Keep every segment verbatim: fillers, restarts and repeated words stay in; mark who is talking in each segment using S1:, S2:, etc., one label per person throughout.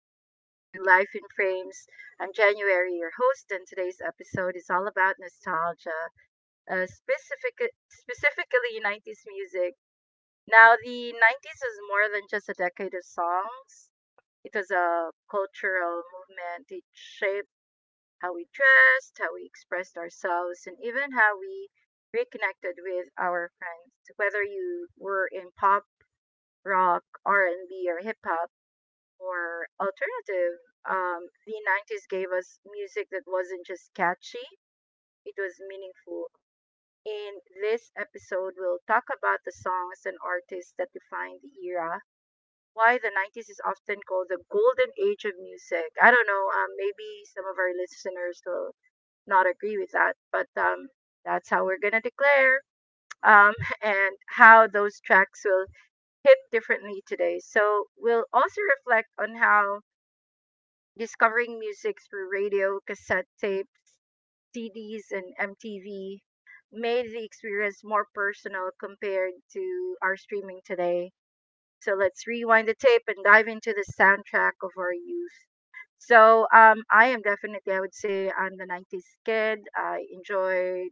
S1: welcome back to Life in Frames. I'm January, your host, and today's episode is all about nostalgia, uh, specific- specifically nineties music. Now, the nineties is more than just a decade of songs, it was a cultural movement. It shaped how we dressed, how we expressed ourselves, and even how we reconnected with our friends. Whether you were in pop, rock, R and B, or hip hop, or alternative, um, the nineties gave us music that wasn't just catchy, it was meaningful. In this episode, we'll talk about the songs and artists that defined the era, why the nineties is often called the golden age of music. I don't know, um, maybe some of our listeners will not agree with that, but um, that's how we're going to declare. Um, and how those tracks will hit differently today. So, we'll also reflect on how discovering music through radio, cassette tapes, C Ds, and M T V made the experience more personal compared to our streaming today. So let's rewind the tape and dive into the soundtrack of our youth. So um, I am definitely, I would say, I'm the nineties kid. I enjoyed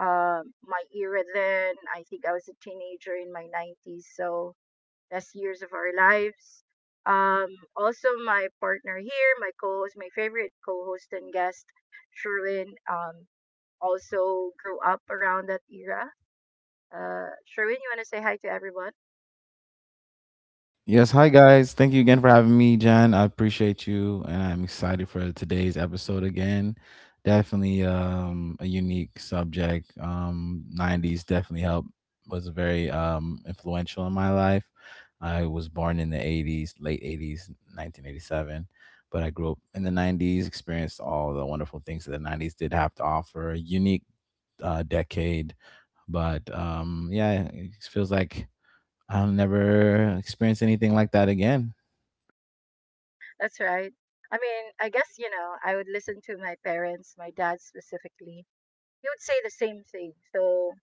S1: um my era then. I think I was a teenager in my nineties. So best years of our lives. Um, Also, my partner here, my co-host, my favorite co-host and guest, Sherwin, um, also grew up around that era. Uh, Sherwin, you want to say hi to everyone?
S2: Yes, hi guys. Thank you again for having me, Jan. I appreciate you and I'm excited for today's episode again. Definitely um a unique subject. Um nineties definitely helped was very um influential in my life. I was born in the eighties, late eighties, nineteen eighty-seven, but I grew up in the nineties, experienced all the wonderful things that the nineties did have to offer. A unique uh, decade, but um yeah, it feels like I'll never experience anything like that again.
S1: That's right. I mean, I guess, you know, I would listen to my parents, my dad specifically. He would say the same thing. So,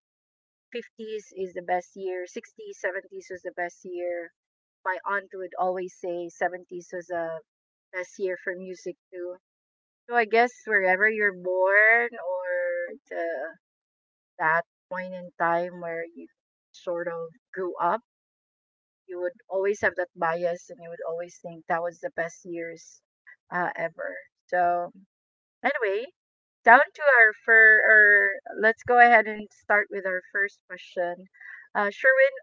S1: fifties is the best year, sixties, seventies was the best year. My aunt would always say seventies was a best year for music too. So I guess wherever you're born or the, that point in time where you sort of grew up, you would always have that bias and you would always think that was the best years uh, ever. So anyway, down to our fur or let's go ahead and start with our first question. Uh, Sherwin,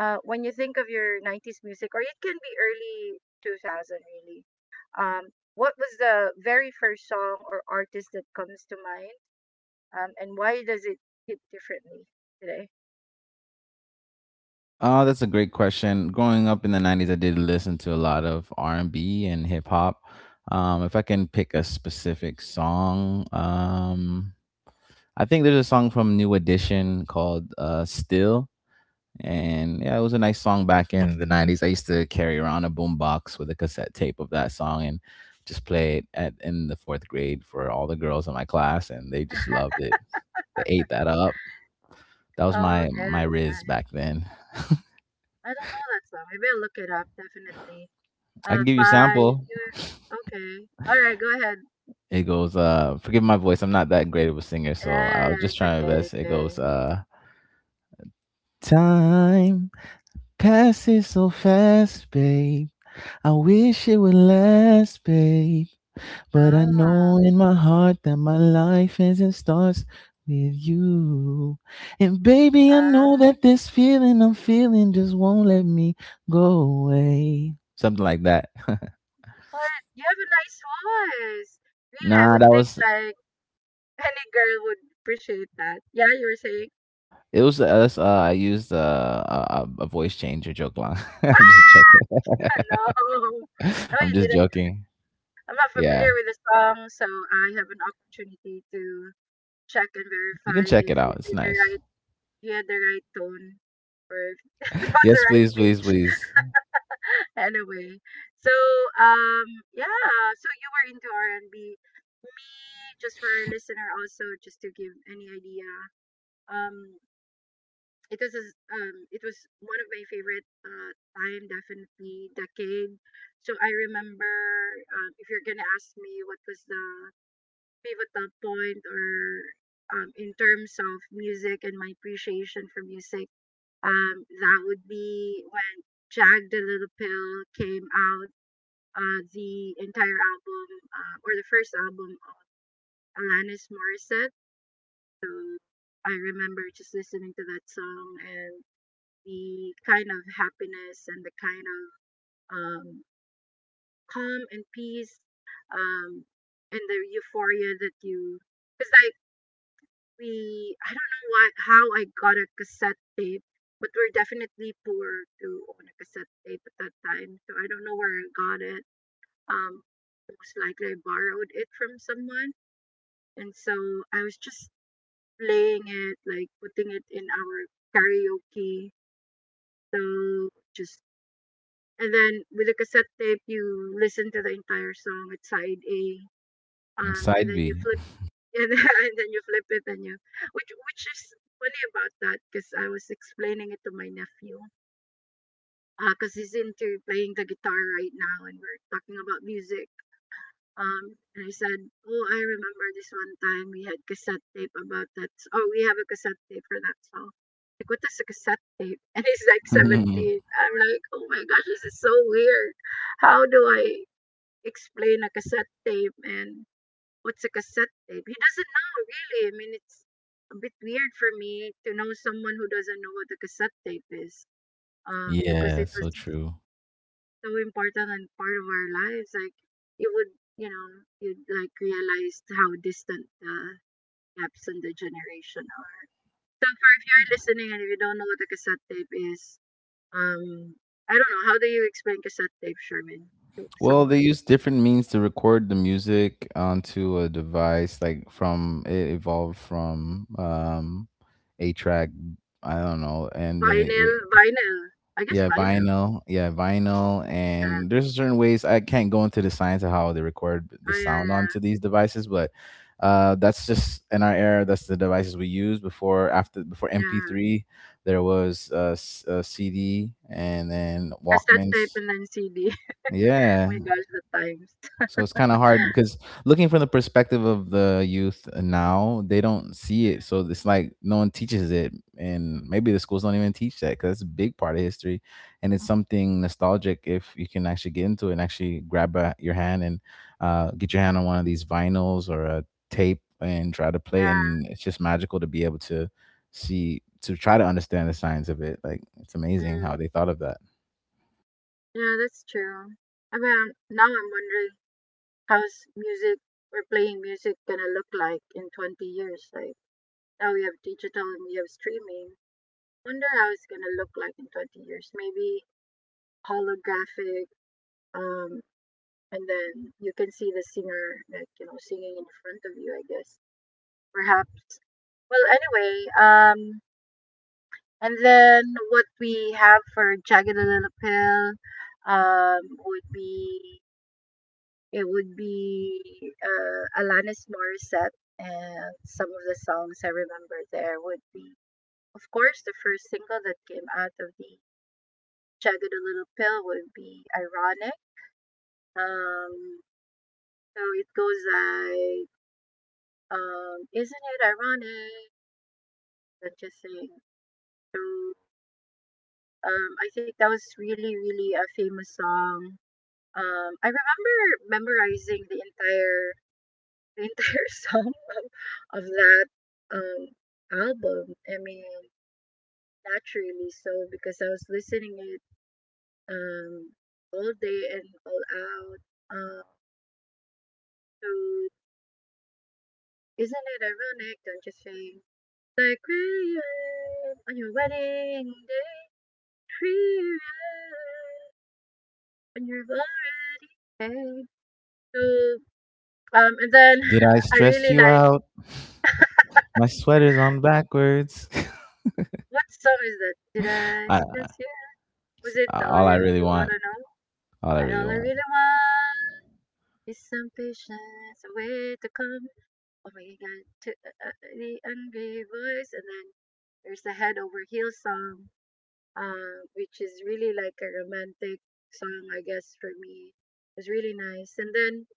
S1: uh, when you think of your nineties music, or it can be early two thousand really, um, what was the very first song or artist that comes to mind? Um, and why does it hit differently today?
S2: Oh, that's a great question. Growing up in the nineties, I did listen to a lot of R and B and B and hip hop. Um, if I can pick a specific song, um, I think there's a song from New Edition called uh, "Still," and yeah, it was a nice song back in the nineties. I used to carry around a boombox with a cassette tape of that song and just play it at in the fourth grade for all the girls in my class, and they just loved it. They ate that up. That was
S1: Oh,
S2: my
S1: okay,
S2: my riz
S1: that's nice.
S2: back then.
S1: I don't know that song. Maybe I'll look it up, definitely.
S2: I
S1: Uh,
S2: can give you a
S1: by,
S2: sample.
S1: okay. All right, go ahead.
S2: It goes, uh, forgive my voice, I'm not that great of a singer,
S1: Yeah,
S2: so
S1: yeah,
S2: I was
S1: yeah,
S2: just
S1: it's
S2: trying my
S1: okay,
S2: best. It goes,
S1: okay.
S2: uh, time passes so fast, babe. I wish it would last, babe. But I know
S1: Ah,
S2: in my heart that my life is and starts with you. And baby, I know
S1: ah.
S2: that this feeling I'm feeling just won't let me go away. Something like that.
S1: What? You have a nice voice. Really, I
S2: Nah,
S1: would
S2: that
S1: think
S2: was
S1: like any girl would appreciate that. Yeah, you were saying,
S2: It was uh, that's, uh I used uh, a a a voice changer joke line.
S1: ah,
S2: I'm just joking.
S1: no, no,
S2: I'm
S1: you
S2: just
S1: didn't.
S2: joking.
S1: I'm not familiar
S2: Yeah,
S1: with the song, so I have an opportunity to check and
S2: you can
S1: verify
S2: check
S1: if
S2: it
S1: you
S2: out. It's
S1: did the
S2: nice.
S1: right, you had the right tone, or if it was the
S2: Yes,
S1: right
S2: please, please,
S1: pitch.
S2: please.
S1: Anyway, so um, yeah, so you were into R and B. Me, just for our listener, also just to give any idea. Um, it was as- um it was one of my favorite uh time definitely decade so I remember um, if you're gonna ask me what was the pivotal point or um, in terms of music and my appreciation for music um that would be when jagged the little pill came out uh the entire album, uh, or the first album of Alanis Morissette. So I remember just listening to that song and the kind of happiness and the kind of um, calm and peace, um, and the euphoria that you because like we I don't know why how I got a cassette tape, but we're definitely poor to own a cassette tape at that time. So I don't know where I got it. Um, Most likely I borrowed it from someone, and so I was just playing it, like putting it in our karaoke. So just And then with a cassette tape, you listen to the entire song with side A, um, and
S2: Side
S1: then you
S2: B.
S1: flip and, and then you flip it and you, which which is funny about that because I was explaining it to my nephew, because he's into playing the guitar right now, and we're talking about music. Um, and I said, oh, I remember this one time we had cassette tape about that. s- Oh, we have a cassette tape for that song. Like, what is a cassette tape? And he's like seventeen. I'm like, oh my gosh, this is so weird, how do I explain a cassette tape and what's a cassette tape. He doesn't know really. I mean, it's a bit weird for me to know someone who doesn't know what a cassette tape is, um, because
S2: Yeah,
S1: it was
S2: so true.
S1: so important and part of our lives. Like you would, you know, you'd like realize how distant the gaps in the generation are. So, for if you're listening and if you don't know what a cassette tape is, um, I don't know. How do you explain cassette tape, Sherman, to
S2: Well, they
S1: someone?
S2: use different means to record the music onto a device. Like from it evolved from um, a track. I don't know, and then it.
S1: Vinyl, vinyl. I guess
S2: Yeah,
S1: vinyl.
S2: vinyl. Yeah, vinyl.
S1: Is that?
S2: And there's certain ways I can't go into the science of how they record
S1: Oh,
S2: the
S1: yeah,
S2: sound onto
S1: yeah,
S2: these devices, but uh, that's just in our era. That's the devices we use before after before
S1: yeah.
S2: M P three. There was uh, s- uh C D and then
S1: Cassette tape
S2: Walkmans.
S1: and then C D. Oh
S2: Yeah,
S1: my gosh, the times.
S2: so it's kind of hard because looking from the perspective of the youth now, they don't see it. So it's like no one teaches it, and maybe the schools don't even teach that because it's a big part of history, and it's something nostalgic if you can actually get into it and actually grab a, your hand and uh, get your hand on one of these vinyls or a tape and try to play. And
S1: Yeah,
S2: it's just magical to be able to see to try to understand the science of it. Like it's
S1: mm,
S2: amazing how they thought of that.
S1: yeah, that's true. I mean, now I'm wondering how's music or playing music gonna look like in twenty years? Like, now we have digital and we have streaming. Wonder how it's gonna look like in twenty years. Maybe holographic, um, and then you can see the singer, like, you know, singing in front of you, I guess. Perhaps. Well, anyway, um, And then what we have for jagged little pill um would be it would be uh, Alanis Morissette, and some of the songs I remember there would be of course the first single that came out of the jagged little pill would be ironic. um so it goes like, um isn't it ironic, that just saying. so um I think that was really really a famous song. Um, I remember memorizing the entire the entire song of that um album. I mean, naturally so because I was listening it um all day and all out. Um, so isn't it ironic? Don't you think? Like crayon on your wedding day, crayon on your already day. So um, and then
S2: Did I
S1: I
S2: stress
S1: really
S2: you
S1: like.
S2: out? My sweater's on backwards.
S1: What song is that? Did I
S2: I,
S1: spend you? Was it
S2: Uh,
S1: the all
S2: all I
S1: you,
S2: really
S1: you
S2: want,
S1: oughta know?
S2: all I
S1: And
S2: really
S1: all I
S2: want.
S1: really want is some patience, a way to come. Oh my god, to uh, uh, the angry voice, and then there's the head over heels song, uh, which is really like a romantic song, I guess, for me. It was really nice. And then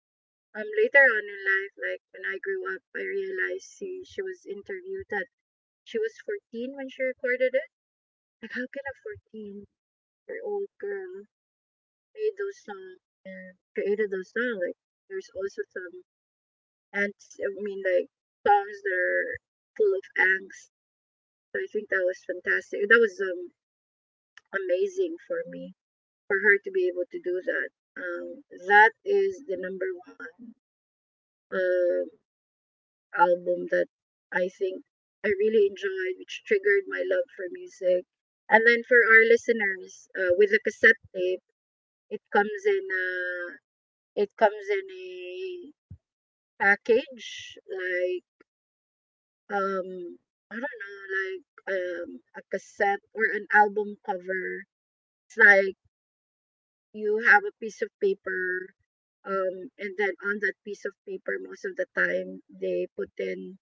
S1: um, later on in life, like when I grew up, I realized she, she was interviewed that she was fourteen when she recorded it. Like, how can a fourteen their old girl made those songs and created those songs. Like there's also some ants. I mean, like songs that are full of angst. So I think that was fantastic. That was um amazing for me for her to be able to do that. Um, that is the number one um album that I think I really enjoyed, which triggered my love for music. And then for our listeners, uh, with the cassette tape, it comes in uh, it comes in a package, like, um, I don't know, like um, a cassette or an album cover. It's like you have a piece of paper, um, and then on that piece of paper, most of the time they put in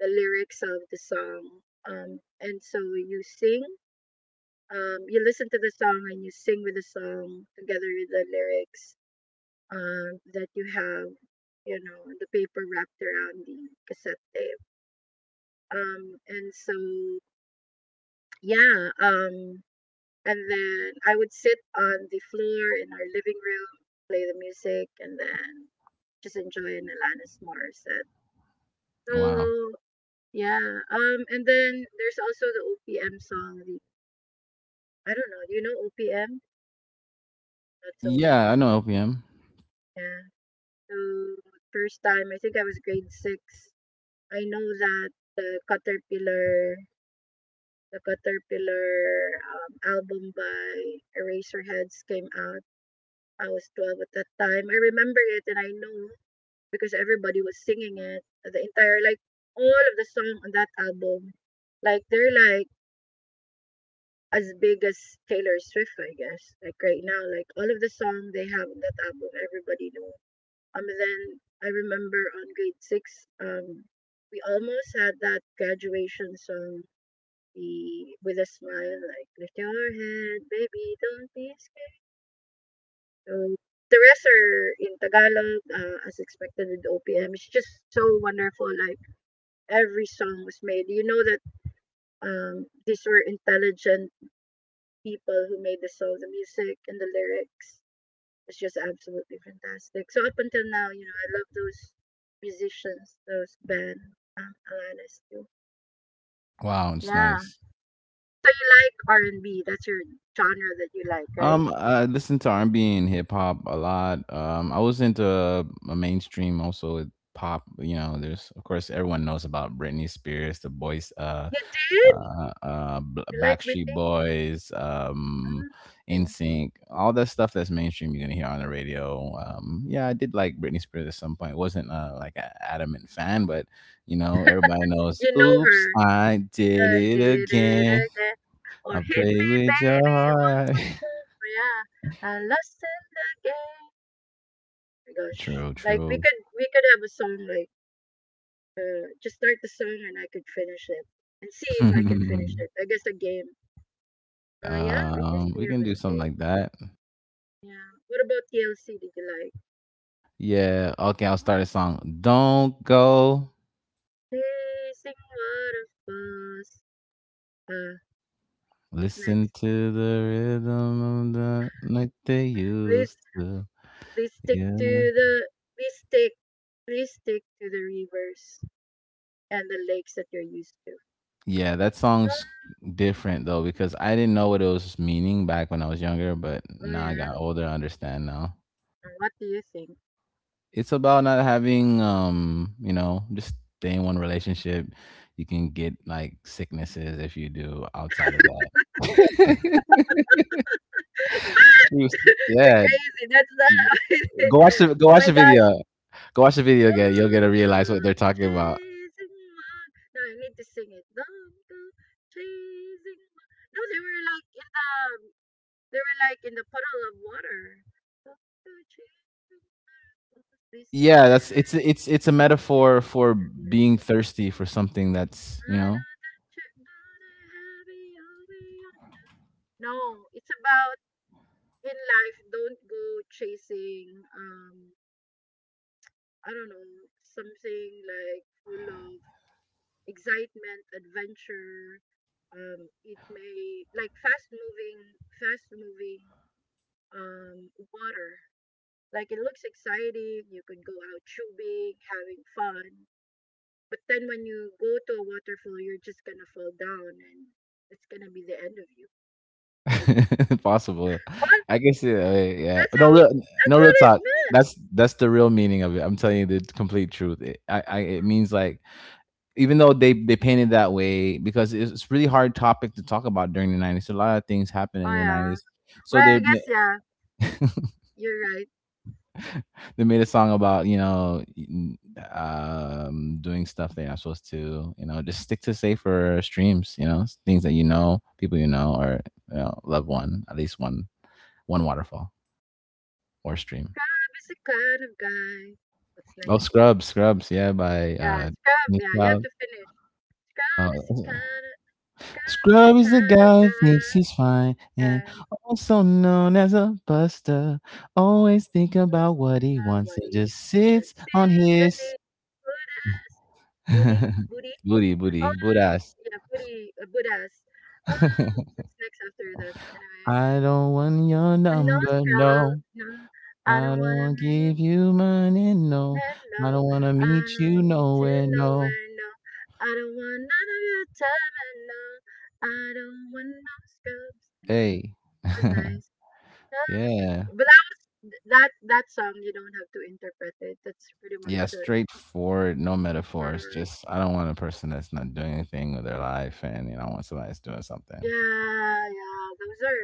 S1: the lyrics of the song. Um, and so you sing, um, you listen to the song and you sing with the song together with the lyrics um, that you have, you know, the paper wrapped around the cassette tape. Um, and so, yeah, um, and then I would sit on the floor in our living room, play the music, and then just enjoy an Alanis Morissette.
S2: Wow.
S1: So, yeah, um, and then there's also the O P M song. The, I don't know, do you know O P M? Not so much.
S2: Yeah, I know L P M.
S1: Yeah. So, first time, I think I was grade six. I know that the caterpillar the Caterpillar um, album by Eraserheads came out. I was twelve at that time. I remember it and I know because everybody was singing it. The entire, like, all of the songs on that album, like, they're like as big as Taylor Swift, I guess. Like, right now, like, all of the songs they have on that album, everybody know. Um, then I remember on grade six, um, we almost had that graduation song, be with a smile like lift your head, baby, don't be scared. So the rest are in Tagalog, uh, as expected with O P M. It's just so wonderful. Like every song was made. You know that um, these were intelligent people who made the song, the music, and the lyrics. It's just absolutely fantastic. So up until now, you know, I love those musicians, those band, um, Alanis too.
S2: Wow, it's
S1: Yeah.
S2: nice.
S1: So you like R and B? That's your genre that you like, right?
S2: Um, I listen to R and B and hip hop a lot. Um, I was into a mainstream also with pop. You know, there's of course everyone knows about Britney Spears, the boys, uh,
S1: You did?
S2: uh, uh, B-
S1: You like
S2: Backstreet
S1: Britney?
S2: Boys, um,
S1: Mm,
S2: In
S1: okay.
S2: Sync, all that stuff that's mainstream. You're gonna hear on the radio. Um, yeah, I did like Britney Spears at some point. Wasn't uh, like an adamant fan, but you know, everybody knows.
S1: You know
S2: Oops,
S1: her.
S2: I did
S1: I
S2: it
S1: did it
S2: again.
S1: again. Or
S2: I
S1: hit
S2: play
S1: me,
S2: with your
S1: baby, one
S2: heart.
S1: more time. Or yeah, I lost in the game. Gosh,
S2: True,
S1: like we
S2: true.
S1: could we could have a song like uh, just start the song and I could finish it and see if I can finish it. I guess a game.
S2: Hey,
S1: Oh yeah, Britney
S2: um, we
S1: Spears
S2: can
S1: was
S2: do something
S1: big.
S2: like that.
S1: Yeah. What about T L C? Did you like?
S2: Yeah. Okay, I'll start a song. Don't go.
S1: Chasing waterfalls. Uh, what's
S2: Listen
S1: next?
S2: to the rhythm of the night they
S1: Please
S2: used to.
S1: Please stick
S2: Yeah.
S1: to the please stick Please stick to the rivers and the lakes that you're used to.
S2: Yeah, that song's different though because I didn't know what it was meaning back when I was younger, but
S1: Oh
S2: now I
S1: yeah.
S2: got older, I understand now.
S1: And what do you think?
S2: It's about not having um you know just stay in one relationship, you can get like sicknesses if you do outside of that. True.
S1: You're
S2: Yeah,
S1: crazy. That's not how it.
S2: go watch the go
S1: Oh
S2: watch
S1: my
S2: the video,
S1: gosh.
S2: go watch the video again, you'll get to
S1: Don't
S2: realize what
S1: go
S2: they're talking about.
S1: chasing my. No, I need to sing it. Don't go chasing my. No, they were like in the. They were like in the puddle of water. Don't go chasing my. Please stick
S2: Yeah,
S1: to the
S2: that's it's it's it's
S1: rivers
S2: a metaphor for
S1: and
S2: being
S1: the lakes.
S2: thirsty for something that's you know.
S1: No, it's about in life, don't go chasing, um, I don't know, something like full of excitement, adventure. Um, it may like fast moving, fast moving, um, water. Like it looks exciting. You could go out tubing, having fun. But then when you go to a waterfall, you're just gonna fall down and it's gonna be the end of you.
S2: Possible, I guess. Yeah, yeah.
S1: That's
S2: No
S1: how
S2: real,
S1: that's
S2: no real
S1: what it
S2: talk.
S1: meant.
S2: That's that's the real meaning of it. I'm telling you the complete truth it, I, I It means like, even though they they painted that way because it's, it's really hard topic to talk about during the nineties, a lot of things happened
S1: Oh
S2: in the
S1: yeah.
S2: nineties, so
S1: Well,
S2: they
S1: I
S2: ma-.
S1: guess yeah. You're right.
S2: They made a song about, you know, um doing stuff they're not supposed to, you know, just stick to safer streams, you know, things that you know, people you know, or you know, love one, at least one, one waterfall or stream.
S1: Scrub is the kind of guy. What's
S2: Oh,
S1: next?
S2: scrubs scrubs, yeah, by
S1: Yeah,
S2: uh
S1: scrub.
S2: Nick
S1: Yeah, you have
S2: Cloud.
S1: to finish. Scrub is the
S2: Uh,
S1: kind of Scrub is the
S2: Scrub is the
S1: kind of
S2: guy who
S1: guy.
S2: thinks he's fine and
S1: Guy
S2: also known as a buster. Always think
S1: always
S2: about what
S1: thinking
S2: he
S1: about
S2: wants
S1: what
S2: and
S1: he
S2: just
S1: said.
S2: sits on
S1: See the
S2: his.
S1: name. Good ass booty booty.
S2: Booty,
S1: Oh
S2: booty, boot ass.
S1: yeah, booty uh, Buddhas. Oh, what's next after that? Anyway,
S2: I don't want your
S1: oh, no
S2: number,
S1: scrub.
S2: no.
S1: No, I
S2: I
S1: don't
S2: don't
S1: wanna
S2: want to
S1: make
S2: give you money, no.
S1: hello,
S2: I don't want to
S1: I
S2: meet you
S1: don't need to
S2: nowhere,
S1: know
S2: no.
S1: where no. I don't want none of your time and no. I don't want no scrubs. Anyway,
S2: Hey,
S1: it was nice. Yeah, it's
S2: yeah.
S1: a- But that was that that song. You don't have to interpret it. That's pretty
S2: Yeah,
S1: much it.
S2: straightforward, no metaphors.
S1: Or
S2: Just I don't want a person that's not doing anything with their life, and you know, I want somebody that's doing something.
S1: yeah, yeah. Those are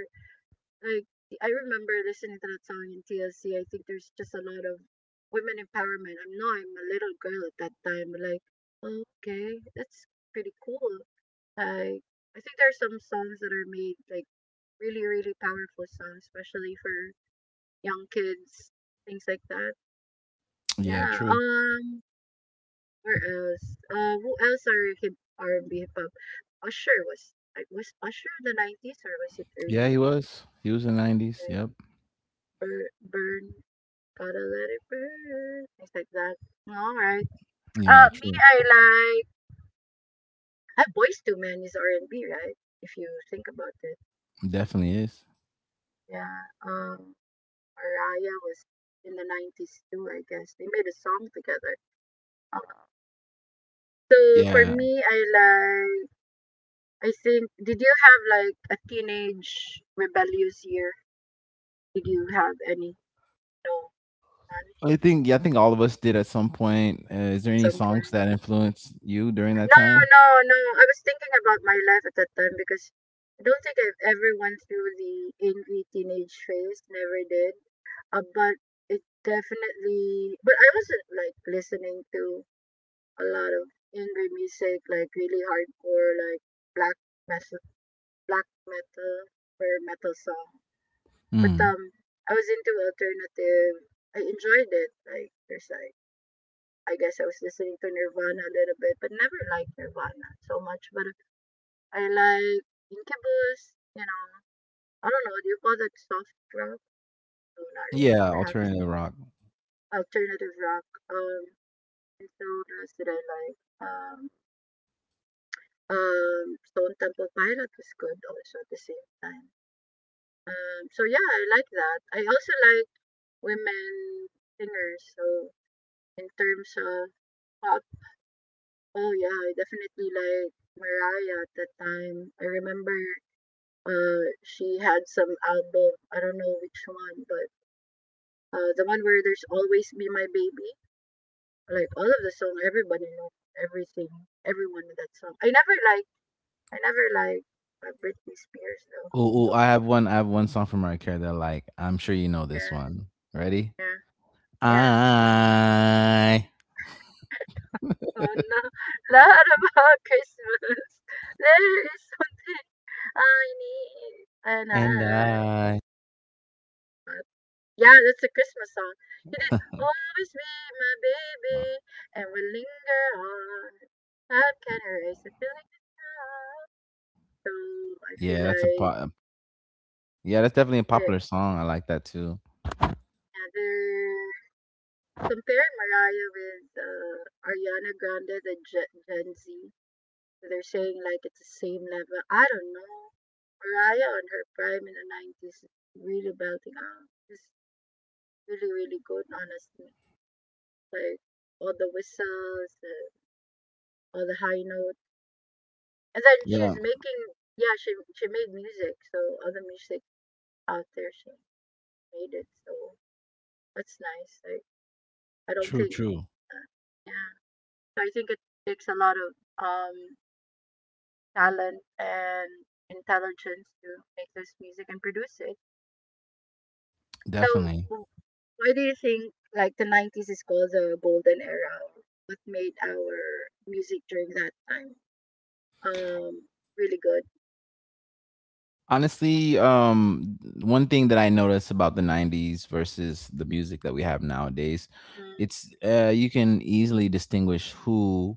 S1: like I remember listening to that song in T L C. I think there's just a lot of women empowerment. I'm not. I'm a little girl at that time, but like okay, that's pretty cool. I I think there are some songs that are made like really really powerful songs, especially for young kids, things like that.
S2: Yeah,
S1: Yeah.
S2: true.
S1: Um. Where else? Uh. Who else are hip R and B hip hop? Usher was like was Usher the nineties or was it
S2: Yeah,
S1: early?
S2: he was. He was in the nineties.
S1: Like,
S2: Yep.
S1: burn, burn, gotta let it burn, things like that. All right. Uh.
S2: Yeah,
S1: Me,
S2: true.
S1: I like. I Boys Two Men is R and B, right? If you think about it.
S2: Definitely is.
S1: Yeah. Um. Mariah was in the nineties too, I guess. They made a song together. Uh, so for
S2: Yeah,
S1: me, I like, I think, did you have like a teenage rebellious year? Did you have any? No, none at
S2: I think. Yeah, I think all of us did at some point. Uh, is there any
S1: some
S2: songs
S1: point.
S2: that influenced you during that
S1: No,
S2: time?
S1: no, no. I was thinking about my life at that time because I don't think I've ever went through the angry teenage phase. Never did. Uh, but it definitely. But I wasn't like listening to a lot of angry music, like really hardcore, like black metal, black metal or metal song. But
S2: Mm.
S1: um, I was into alternative. I enjoyed it. Like there's like I guess I was listening to Nirvana a little bit, but never liked Nirvana so much. But I like Incubus. You know, I don't know. Do you call that soft rock? No, not really.
S2: Yeah,
S1: Perhaps
S2: alternative rock.
S1: alternative rock. Um, and so what else did I like? Um, Um, Stone Temple Pilot was good also at the same time. Um, so yeah, I like that. I also like women singers. So in terms of pop, oh yeah, I definitely like Mariah at that time. I remember uh she had some album. I don't know which one, but uh the one where there's always be my baby. Like all of the song, everybody knows everything, everyone in that song. I never like, I never like uh, Britney Spears though. So
S2: Oh, I have one. I have one song from Mariah Carey that I like. I'm sure you know this
S1: yeah,
S2: one. Ready?
S1: yeah, yeah.
S2: I
S1: Oh no, lot about Christmas. There is something I need, and
S2: and
S1: I.
S2: I.
S1: But yeah, that's a Christmas song. You did always be my
S2: Oh.
S1: baby, and we linger on. Time can I erase the feeling of love. So I feel
S2: Yeah, that's a
S1: like
S2: po- yeah, that's definitely a
S1: they're,
S2: popular song. I like that too.
S1: yeah, they're comparing Mariah with uh, Ariana Grande, the Gen Gen Z. They're saying like it's the same level. I don't know. Mariah on her prime in the nineties, really belting out. It's really, really good, honestly. Like all the whistles, the, all the high notes, and then she's
S2: Yeah,
S1: making. Yeah, she she made music, so all the music out there, she made it. So that's nice. Like I don't
S2: true,
S1: think.
S2: true,
S1: Uh, yeah, so I think it takes a lot of um talent and intelligence to make this music and produce it. So
S2: definitely.
S1: why do you think like the nineties is called the golden era? What made our music during that time um really good?
S2: Honestly, um, one thing that I notice about the nineties versus the music that we have nowadays,
S1: Mm,
S2: it's uh, you can easily distinguish who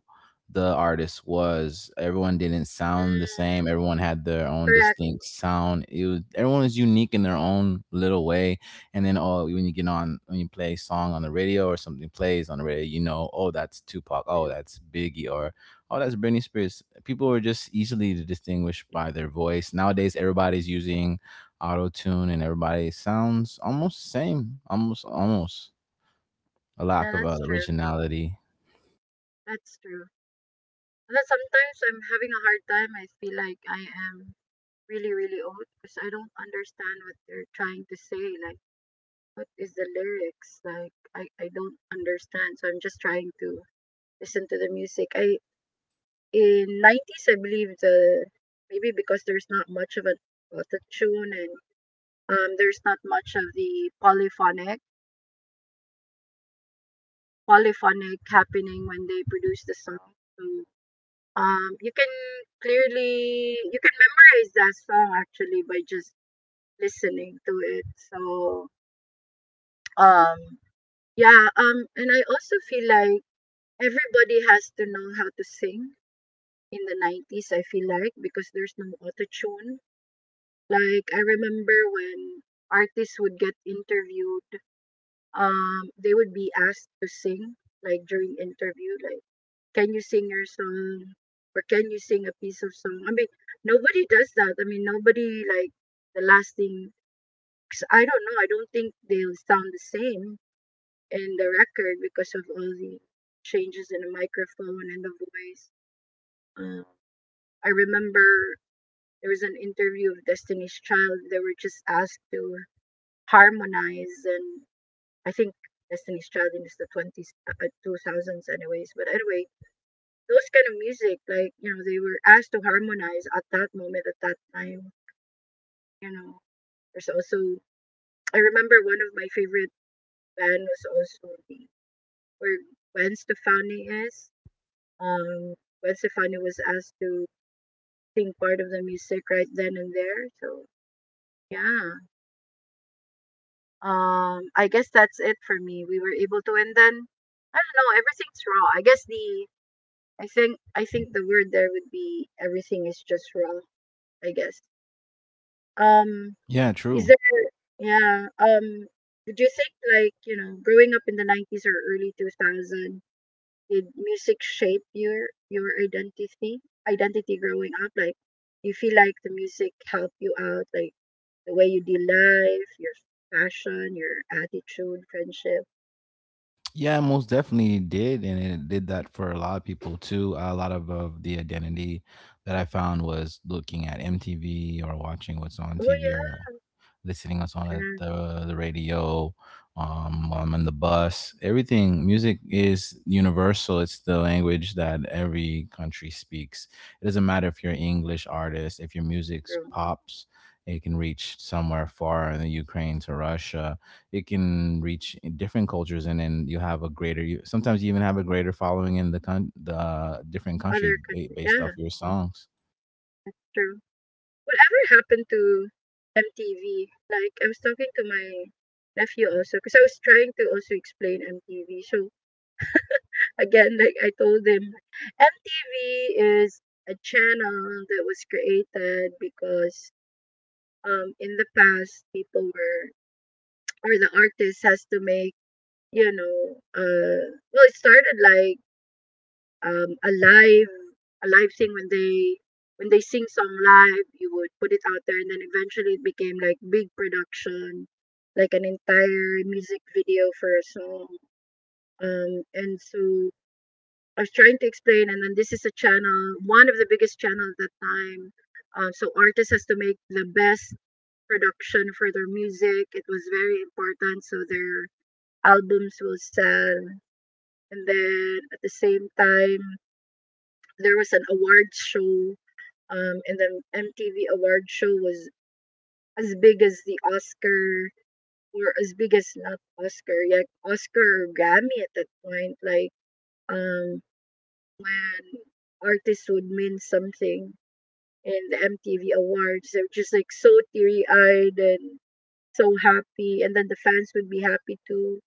S2: the artist was. Everyone didn't sound the
S1: mm,
S2: same. Everyone had their own
S1: correct.
S2: distinct sound. It was everyone was unique in their own little way. And then, oh, when you get on, when you play a song on the radio or something plays on the radio, you know, oh, that's Tupac.
S1: Mm.
S2: Oh, that's Biggie. Or oh, that's Britney Spears. People are just easily to distinguish by their voice. Nowadays, everybody's using auto tune, and everybody sounds almost the same. Almost, almost a
S1: Yeah,
S2: lack of
S1: that's
S2: uh,
S1: true.
S2: originality.
S1: That's true. And then sometimes I'm having a hard time. I feel like I am really, really old because I don't understand what they're trying to say. Like, what is the lyrics? Like, I, I don't understand. So I'm just trying to listen to the music. I In nineties I believe the maybe because there's not much of an auto tune and um there's not much of the polyphonic polyphonic happening when they produce the song. So um you can clearly you can memorize that song actually by just listening to it. So um yeah, um and I also feel like everybody has to know how to sing in the nineties I feel like because there's no auto tune. Like I remember when artists would get interviewed, um, they would be asked to sing, like during interview, like, can you sing your song? Or can you sing a piece of song? I mean, nobody does that. I mean, nobody like the last thing. 'Cause I don't know. I don't think they'll sound the same in the record because of all the changes in the microphone and the voice. Um, I remember there was an interview of Destiny's Child. They were just asked to harmonize and I think Destiny's Child in the twenties, uh, uh, two thousands, anyways. But anyway, those kind of music, like you know, they were asked to harmonize at that moment, at that time. You know, there's also I remember one of my favorite band was also the where Gwen Stefani is. Um, Gwen Stefani was asked to sing part of the music right then and there. So yeah, um, I guess that's it for me. We were able to, and then I don't know, everything's raw. I guess the I think I think the word there would be everything is just wrong, I guess. Um
S2: Yeah,
S1: is
S2: true.
S1: there yeah, um would you think like, you know, growing up in the nineties or early two thousand did music shape your your identity? Identity growing up like do you feel like the music helped you out like the way you deal life, your fashion, your attitude, friendship?
S2: Yeah, it most definitely did, and it did that for a lot of people too. A lot of, of the identity that I found was looking at M T V or watching what's on
S1: Oh
S2: T V or
S1: yeah,
S2: listening us on a,
S1: yeah,
S2: the the radio, um, while I'm on the bus. Everything music is universal. It's the language that every country speaks. It doesn't matter if you're an English artist. If your music
S1: true.
S2: pops, it can reach somewhere far in the Ukraine to Russia. It can reach in different cultures, and then you have a greater. You sometimes you even have a greater following in the con- the different country
S1: Other
S2: ba-
S1: country.
S2: based off
S1: Yeah,
S2: your songs.
S1: true. Whatever happened to M T V? Like, I was talking to my nephew also because I was trying to also explain M T V. So, again, like I told them, M T V is a channel that was created because um, in the past, people were, or the artist has to make, you know, uh, well, it started like um, a live a live thing when they when they sing song live you would put it out there and then eventually it became like big production like an entire music video for a song um and so I was trying to explain and then this is a channel one of the biggest channels at that time. um, so artists has to make the best production for their music. It was very important so their albums will sell. And then at the same time there was an awards show, um, and the M T V award show was as big as the Oscar or as big as not Oscar, like Oscar or Grammy at that point. Like um, when artists would win something in the M T V awards, they were just like so teary eyed and so happy, and then the fans would be happy too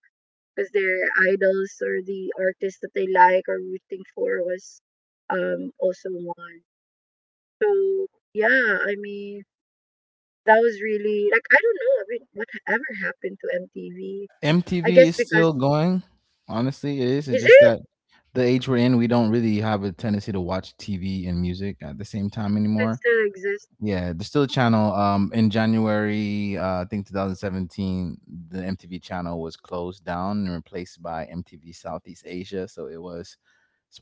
S1: because their idols or the artists that they like or rooting for was um also won. So yeah, I mean that was really like I don't know. I mean, whatever happened to M T V? I guess
S2: M T V is
S1: because
S2: still going. Honestly, it is.
S1: is
S2: It's just
S1: it?
S2: that the age we're in, we don't really have a tendency to watch T V and music at the same time
S1: It
S2: anymore.
S1: still exists.
S2: Yeah, there's still a channel. Um, in January, uh, I think twenty seventeen, the M T V channel was closed down and replaced by M T V Southeast Asia. So it was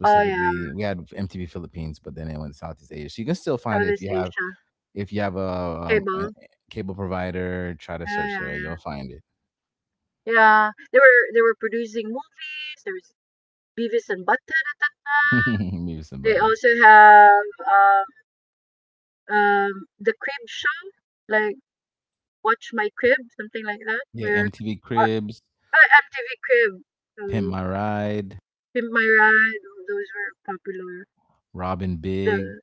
S1: Oh yeah,
S2: we had M T V Philippines, but then it went to Southeast Asia. So you can still find it if
S1: Southeast
S2: you have
S1: Asia
S2: if you have a, um, a
S1: cable.
S2: cable provider. Try to
S1: Yeah, yeah,
S2: search there,
S1: yeah.
S2: you'll find it.
S1: Yeah, they were they were producing movies. There was Beavis and Butthead at that time.
S2: Maybe
S1: They
S2: somebody.
S1: also have um, um the Crib Show, like Watch My Crib, something like that.
S2: Yeah,
S1: where
S2: M T V
S1: or,
S2: Cribs,
S1: uh, M T V Crib,
S2: Pimp
S1: um,
S2: My Ride,
S1: Pimp My Ride. Those were popular.
S2: Robin
S1: The
S2: Big.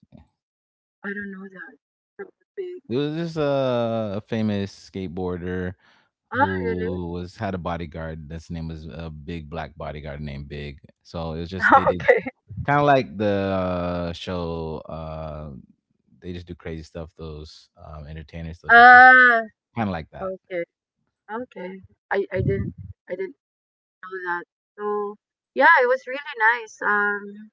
S1: I don't know that. That would be.
S2: It was just a, a famous skateboarder
S1: Ah, really?
S2: who was had a bodyguard. His name was a big black bodyguard named Big. So it was just they did
S1: Okay.
S2: kind of like the uh, show. Uh, they just do crazy stuff. Those um, entertainers, they'll just do stuff.
S1: Ah,
S2: Kind of like that.
S1: okay, okay. I I didn't I didn't know that. So yeah, it was really nice. Um,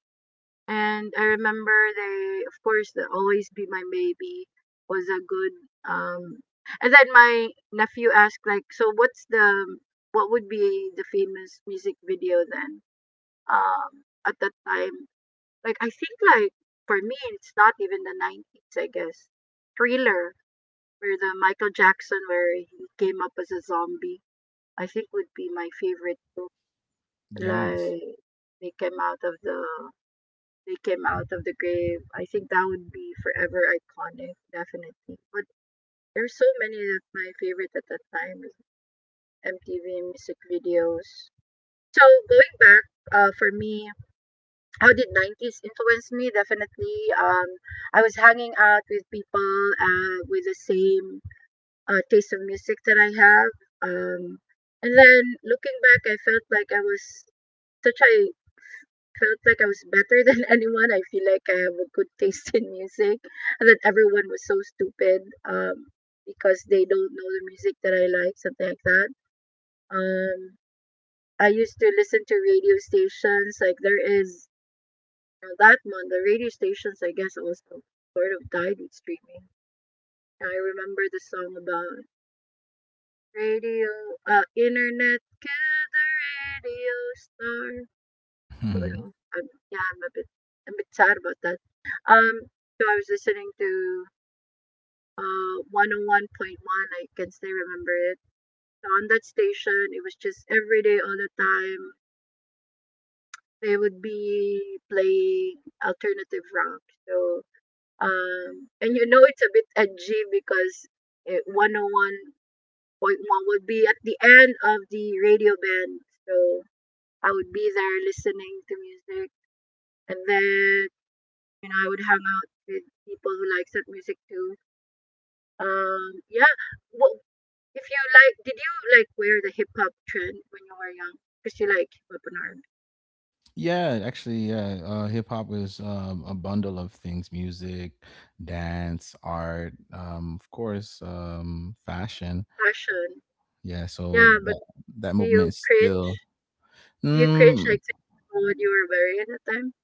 S1: And I remember they, of course, the Always Be My Baby was a good um. And then my nephew asked like, so what's the what would be the famous music video then? Um, at that time, Like I think like for me it's not even the nineties, I guess. Thriller, where the Michael Jackson, where he came up as a zombie, I think would be my favorite too.
S2: Yes.
S1: Like they came out of the they came out of the grave. I think that would be forever iconic, definitely. But there's so many that my favorite at that time is M T V music videos. So going back, uh, for me, how did nineties influence me Definitely um I was hanging out with people, uh with the same uh, taste of music that I have um and then looking back, I felt like I was such I felt like I was better than anyone. I feel like I have a good taste in music and that everyone was so stupid um because they don't know the music that I like, something like that um I used to listen to radio stations. Like there is Now that month, the radio stations, I guess, also sort of died with streaming. I remember the song about radio, uh, internet, kill the radio star. Sort of.
S2: Mhm.
S1: I'm, yeah, I'm a bit, I'm a bit sad about that. Um, so I was listening to uh one oh one point one. I can still remember it. So on that station, it was just every day, all the time. They would be playing alternative rock. So Um, and you know, it's a bit edgy because it, one oh one point one would be at the end of the radio band. So I would be there listening to music. And then, you know, I would hang out with people who likes that music too. Um, yeah. Well, if you like, did you like wear the hip hop trend when you were young? Because you like hip hop and R and B.
S2: Yeah, actually, yeah. Uh, hip hop is um, a bundle of things: music, dance, art, um, of course, um, fashion.
S1: Fashion.
S2: Yeah, so
S1: Yeah, but
S2: that that
S1: do
S2: movement
S1: you
S2: is still.
S1: cringe? Do you cringe
S2: Mm,
S1: like thinking about what you were wearing at the time?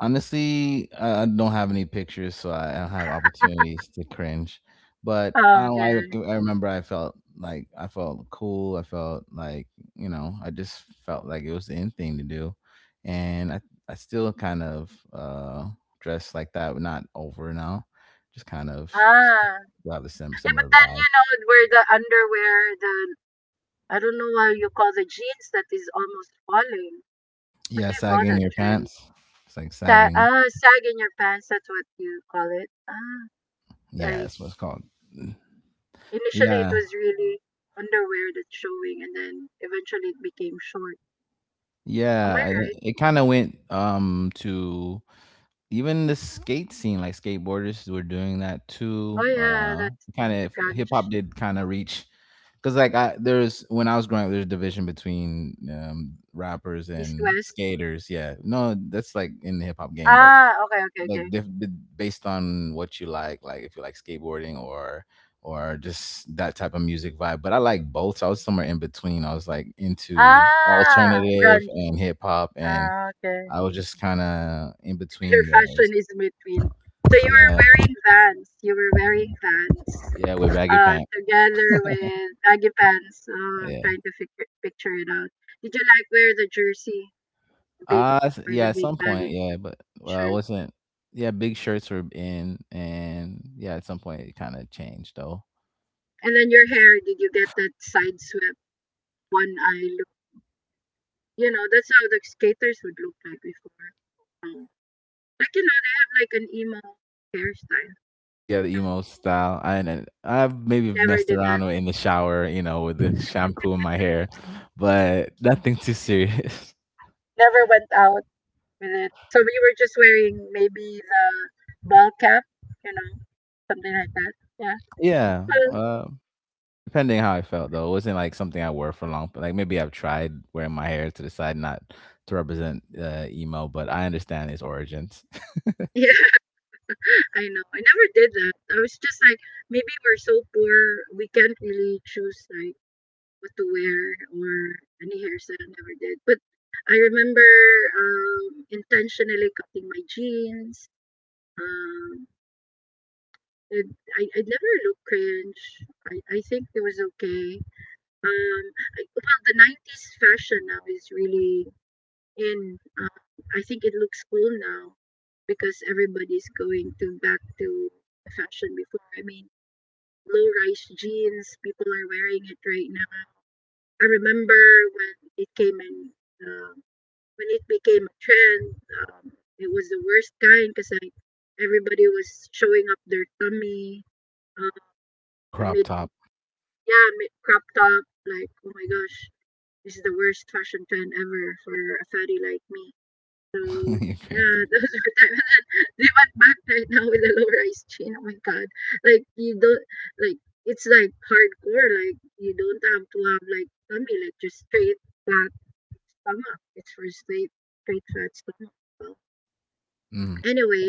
S2: honestly, I I don't have any pictures, so I don't have opportunities to cringe. But I
S1: Oh,
S2: don't, I rec-
S1: okay.
S2: I remember I felt like I felt cool. I felt like, you know, I just felt like it was the in thing to do, and I I still kind of uh dress like that, but not over now. Just kind of
S1: Ah,
S2: still have a sim-
S1: yeah, but
S2: similar
S1: then
S2: vibe.
S1: you know where the underwear, the I don't know why you call the jeans that is almost falling. What
S2: Yeah,
S1: do you call
S2: sagging
S1: that
S2: your
S1: trend?
S2: pants. It's like
S1: Sag,
S2: sagging.
S1: ah, sag in your pants. That's what you call it. Ah,
S2: Yeah,
S1: like
S2: that's what it's called.
S1: initially it
S2: Yeah,
S1: was really underwear that's showing, and then eventually it became short. Am I
S2: yeah. And
S1: right?
S2: it kind of went um to even the skate scene, like skateboarders were doing that
S1: Oh
S2: too.
S1: yeah,
S2: Uh,
S1: that's the
S2: kind
S1: the
S2: of hip
S1: grunge
S2: hop did kind of reach because like I there's when I was growing up, there's a division between um, rappers
S1: east
S2: and
S1: west.
S2: skaters. Yeah, no, that's like in the hip hop game, but
S1: Ah, okay, okay,
S2: like
S1: okay.
S2: dif- b- based on what you like, like if you like skateboarding or or just that type of music vibe. But I like both. So I was somewhere in between. I was like into
S1: Ah,
S2: alternative
S1: grunge.
S2: and hip hop and.
S1: Ah, okay.
S2: I was just kind of in between
S1: Their
S2: those.
S1: fashion is between. So you were
S2: Yeah.
S1: wearing Vans. You were wearing Vans
S2: Yeah, with baggy
S1: uh,
S2: pants.
S1: together with baggy pants. Um,
S2: Yeah.
S1: trying to figure, picture it out. Did you like wear the jersey, the big
S2: Uh s-
S1: or
S2: yeah,
S1: the
S2: at
S1: big
S2: some point,
S1: baggy
S2: yeah, but uh
S1: shirt?
S2: wasn't yeah, Big shirts were in, and yeah, at some point it kinda changed though.
S1: And then your hair, did you get that side swept, one eye look? You know, that's how the skaters would look like before. Um, like you know, they have like an emo hairstyle.
S2: Yeah, the
S1: No,
S2: emo style. I and I've maybe
S1: never
S2: messed
S1: did
S2: around
S1: that.
S2: in the shower, you know, with the shampoo in my hair, but nothing too serious.
S1: Never went out with it. So we were just wearing maybe the ball cap, you know, something like that. Yeah.
S2: Yeah.
S1: Well,
S2: Uh, depending how I felt though. It wasn't like something I wore for long, but like maybe I've tried wearing my hair to the side, not to represent uh, emo, but I understand its origins.
S1: yeah, I know. I never did that. I was just like, maybe we're so poor, we can't really choose like what to wear or any hairstyle. I never did. But I remember um, intentionally cutting my jeans. Um, it, I, I never looked cringe. I, I think it was okay. Um, I, well, the nineties fashion now is really And uh, I think it looks cool now because everybody's going to back to fashion before. I mean, low rise jeans, people are wearing it right now. I remember when it came in, um when it became a trend, um, it was the worst kind because like everybody was showing up their tummy, um, the
S2: Crop
S1: mid,
S2: top.
S1: yeah, mid crop top. Like, oh my gosh, this is the worst fashion trend ever for a fatty like me. So,
S2: You.
S1: yeah, those are time. And then they went back right now with a low-rise chain. Oh my God. Like you don't like it's like hardcore. Like you don't have to have like tummy, like just straight flat stomach. It's for straight straight flat stomach. So
S2: Mm.
S1: anyway,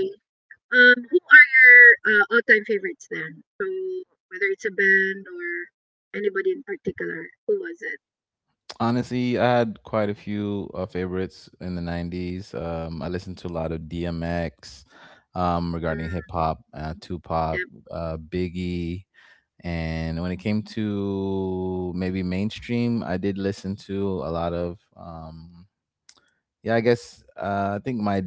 S1: um, who are your uh, all-time favorites then? So whether it's a band or anybody in particular, who was it?
S2: Honestly, I had quite a few uh, favorites in the nineties. Um, I listened to a lot of D M X, um,
S1: Mm,
S2: regarding hip hop, uh,
S1: yeah,
S2: Tupac, uh, Biggie. And when it came to maybe mainstream, I did listen to a lot of, um, yeah, I guess uh, I think my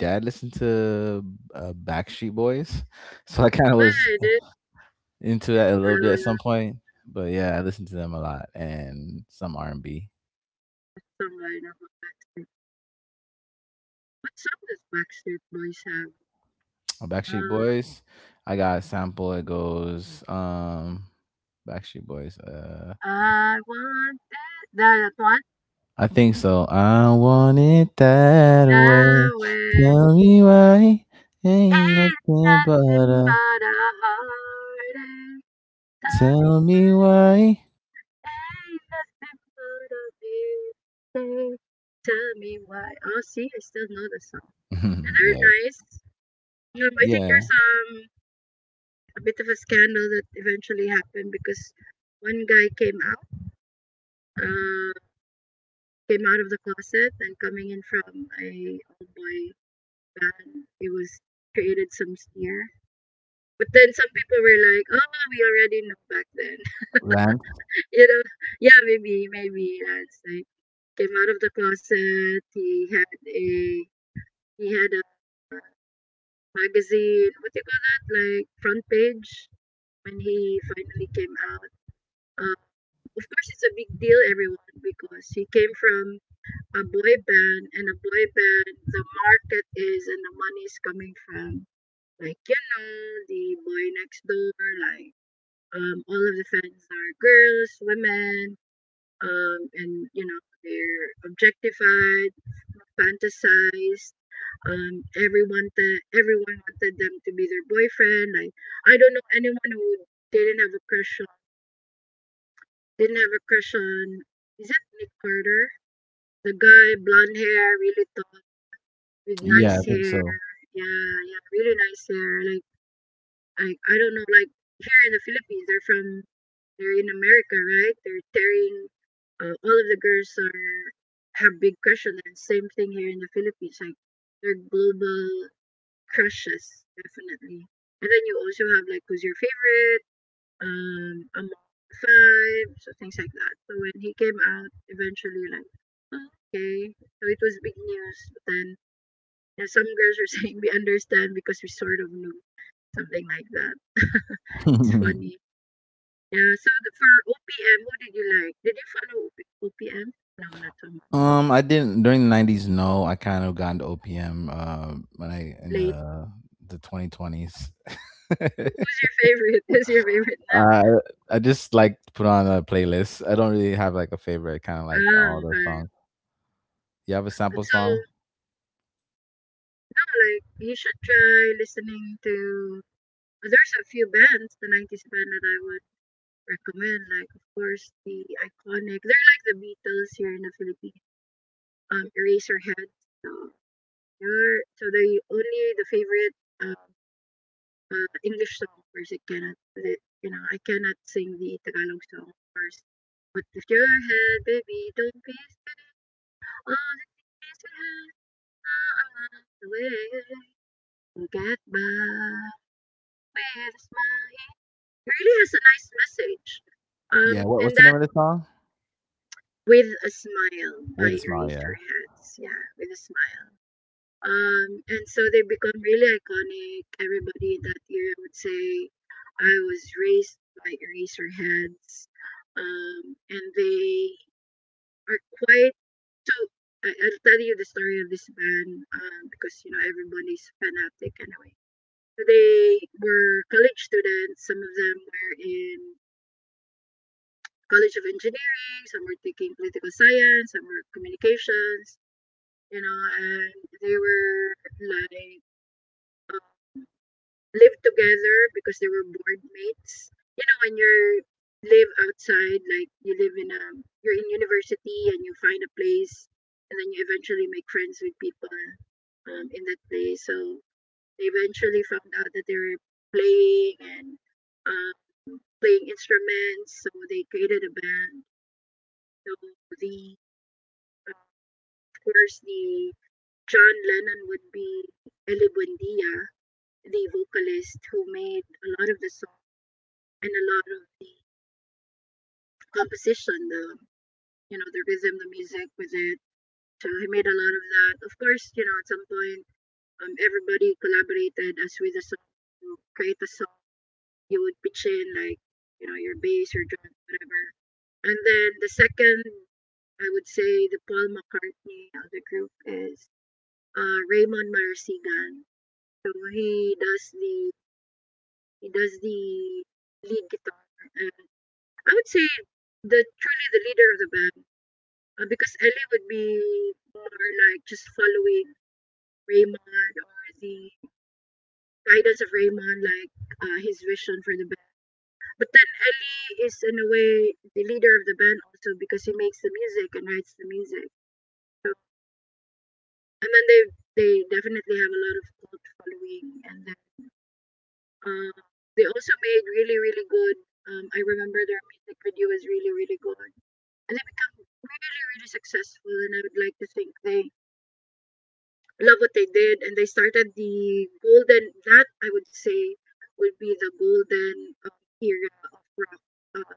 S2: dad listened to uh, Backstreet Boys. So I kind of
S1: but
S2: was into that a little bit at some
S1: uh,
S2: point. But yeah, I listened to them a lot and some R and B.
S1: someone of Backstreet. What song does Backstreet Boys have?
S2: Oh,
S1: Uh,
S2: Backstreet Boys. I got a sample. It goes, um, Backstreet Boys. Uh,
S1: I want this, that one
S2: I think so. I want it that way.
S1: now. It's
S2: Tell me why. Ain't nothing but
S1: nothing
S2: a.
S1: but a heartache.
S2: Tell me why.
S1: Ain't nothing but a mistake. Tell me why. Oh, see, I still know the song. Yeah, they're
S2: Yeah,
S1: nice. Um, I think there's
S2: yeah.
S1: um a bit of a scandal that eventually happened because one guy came out, uh, came out of the closet and coming in from a old boy bad. It was created some sneer. But then some people were like, "Oh, we already knew back then."
S2: Lamp.
S1: You know, yeah, maybe, maybe Lance like came out of the closet. He had a he had a magazine. What do you call that? Like front page when he finally came out. Um, of course, it's a big deal, everyone, because he came from a boy band, and a boy band, the market is and the money is coming from. Like, you know, the boy next door, like, um, all of the fans are girls, women, um, and, you know, they're objectified, fantasized. Um, everyone, th- everyone wanted them to be their boyfriend. Like, I don't know anyone who didn't have a crush on, didn't have a crush on, is it Nick Carter? The guy, blonde hair, really tall, with
S2: Yeah,
S1: nice
S2: I think
S1: hair.
S2: so.
S1: Yeah, yeah, really nice hair. Like, I I don't know, like here in the Philippines, they're from they're in America, right? They're tearing uh, all of the girls are have big crush on them. Same thing here in the Philippines, like they're global crushes, definitely. And then you also have like who's your favorite, um, among the five, so things like that. So when he came out, eventually like "Oh, okay, so it was big news. But then you know, some girls were saying we understand because we sort of knew something like that. It's
S2: um,
S1: funny. Yeah, so the, for O P M, who did you like? Did you follow O P M? No, not so much.
S2: I didn't during the nineties. No, I kind of got into O P M. Uh, when I in
S1: Late.
S2: the the twenty twenties.
S1: Who- Who's your favorite? Who's your favorite now?
S2: Uh, I just like to put on a playlist. I don't really have like a favorite. Kind of like
S1: Ah,
S2: all the
S1: okay.
S2: songs. You have a
S1: And
S2: sample
S1: so,
S2: song?
S1: no, like, you should try listening to. uh, There's a few bands, the nineties band that I would recommend. Like, of course, the iconic. They're like the Beatles here in the Philippines. Um, Eraserhead. So, they're- so they only the favorite um, uh, English song first. I cannot, li- you know, I cannot sing the Tagalog song first. But if your head, baby, don't be scared. All the things we had are the way. We'll get by with a smile. It really has a nice message. Um,
S2: Yeah. What,
S1: and
S2: what's the
S1: that
S2: name of the song?
S1: with a smile by
S2: With a smile.
S1: Erase Your
S2: Yeah.
S1: Hands. Yeah, with a smile. Um, and so they become really iconic. Everybody in that era would say, I was raised by Eraserheads. Um, and they are quite so. I, I'll tell you the story of this band um, because you know everybody's fanatic anyway. So they were college students. Some of them were in College of Engineering. Some were taking political science. Some were communications. You know, and they were like live together because they were board mates. You know, when you're live outside, like you live in a you're in university and you find a place, and then you eventually make friends with people um, in that place. So they eventually found out that they were playing and uh, playing instruments. So they created a band. So the uh, of course the John Lennon would be Eli Buendia, the vocalist who made a lot of the songs and a lot of the composition, the you know the rhythm, the music with it. So he made a lot of that. Of course, you know at some point, um, everybody collaborated as with a song to create a song. You would pitch in like you know your bass, your drum, whatever. And then the second, I would say the Paul McCartney of the group is uh, Raymond Marasigan. So he does the he does the lead guitar, and I would say the truly the leader of the band. Uh, because Ellie would be more like just following Raymond or the guidance of Raymond, like uh, his vision for the band. But then Ellie is, in a way, the leader of the band also because he makes the music and writes the music. So, and then they they definitely have a lot of cult following. And then uh, they also made really, really good. Um, I remember their music video was really, really good. And they become really, really successful. And I would like to think they love what they did and they started the golden that I would say would be the golden um, era of rock, um,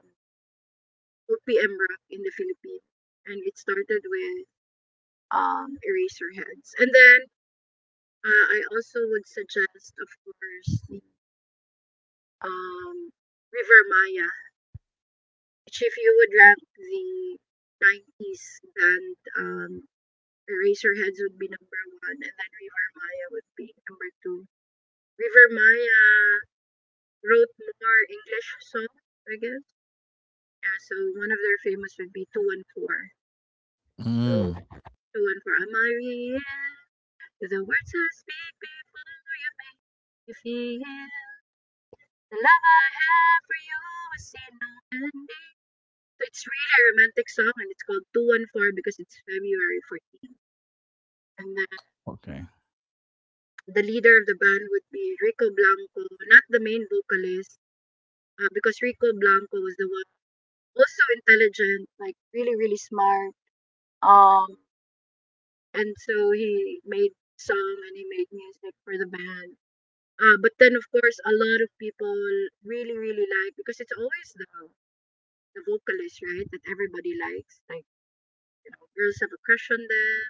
S1: O P M rock in the Philippines, and it started with um Eraserheads. And then uh, I also would suggest, of course, the um River Maya, which if you would rank the nineties band, um Eraserheads would be number one and then River Maya would be number two. River Maya wrote more English songs, I guess. Yeah, so one of their famous would be two one four. So
S2: Mm,
S1: two one four, I'm Maria. The words I speak before you make you feel. The love I have for you is seen no ending. So it's really a romantic song and it's called two one four because it's February fourteenth. And then
S2: okay.
S1: the leader of the band would be Rico Blanco, not the main vocalist, uh, because Rico Blanco was the one also intelligent, like really, really smart. Um, and so he made song and he made music for the band. Uh, but then of course a lot of people really really like, because it's always the the vocalist, right, that everybody likes, like you know girls have a crush on them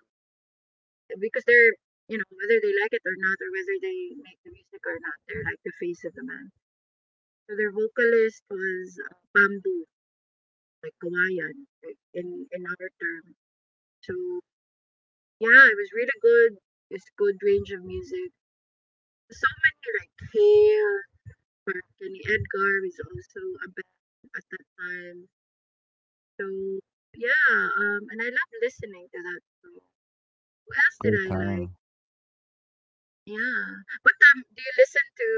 S1: because they're, you know, whether they like it or not, or whether they make the music or not, they're like the face of the man. So their vocalist was uh, bamboo, like Kawayan, like, in in our term. So yeah, it was really good. It's good range of music, so many like Kale, or Kenny Edgar is also a band at that time. So yeah, um, and I love listening to that. So who else did
S2: Great
S1: I like?
S2: time.
S1: Yeah, but um, do you listen to?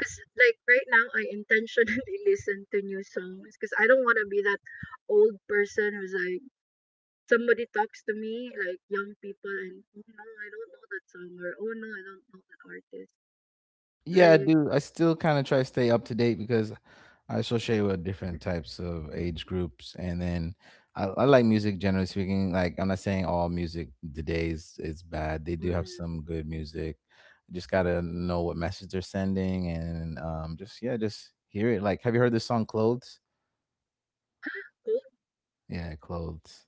S1: Cause like right now, I intentionally listen to new songs because I don't want to be that old person who's like, somebody talks to me like young people and oh no, I don't know that song, or oh no, I don't know that artist.
S2: Yeah, I
S1: Like,
S2: do. I still kind of try to stay up to date because I associate with different types of age groups, and then I, I like music generally speaking. Like I'm not saying all music today is, is bad. They do have
S1: mm,
S2: some good music. Just gotta know what message they're sending, and um, just yeah, just hear it. Like, have you heard this song "Clothes"?
S1: Coldplay.
S2: Yeah, "Clothes."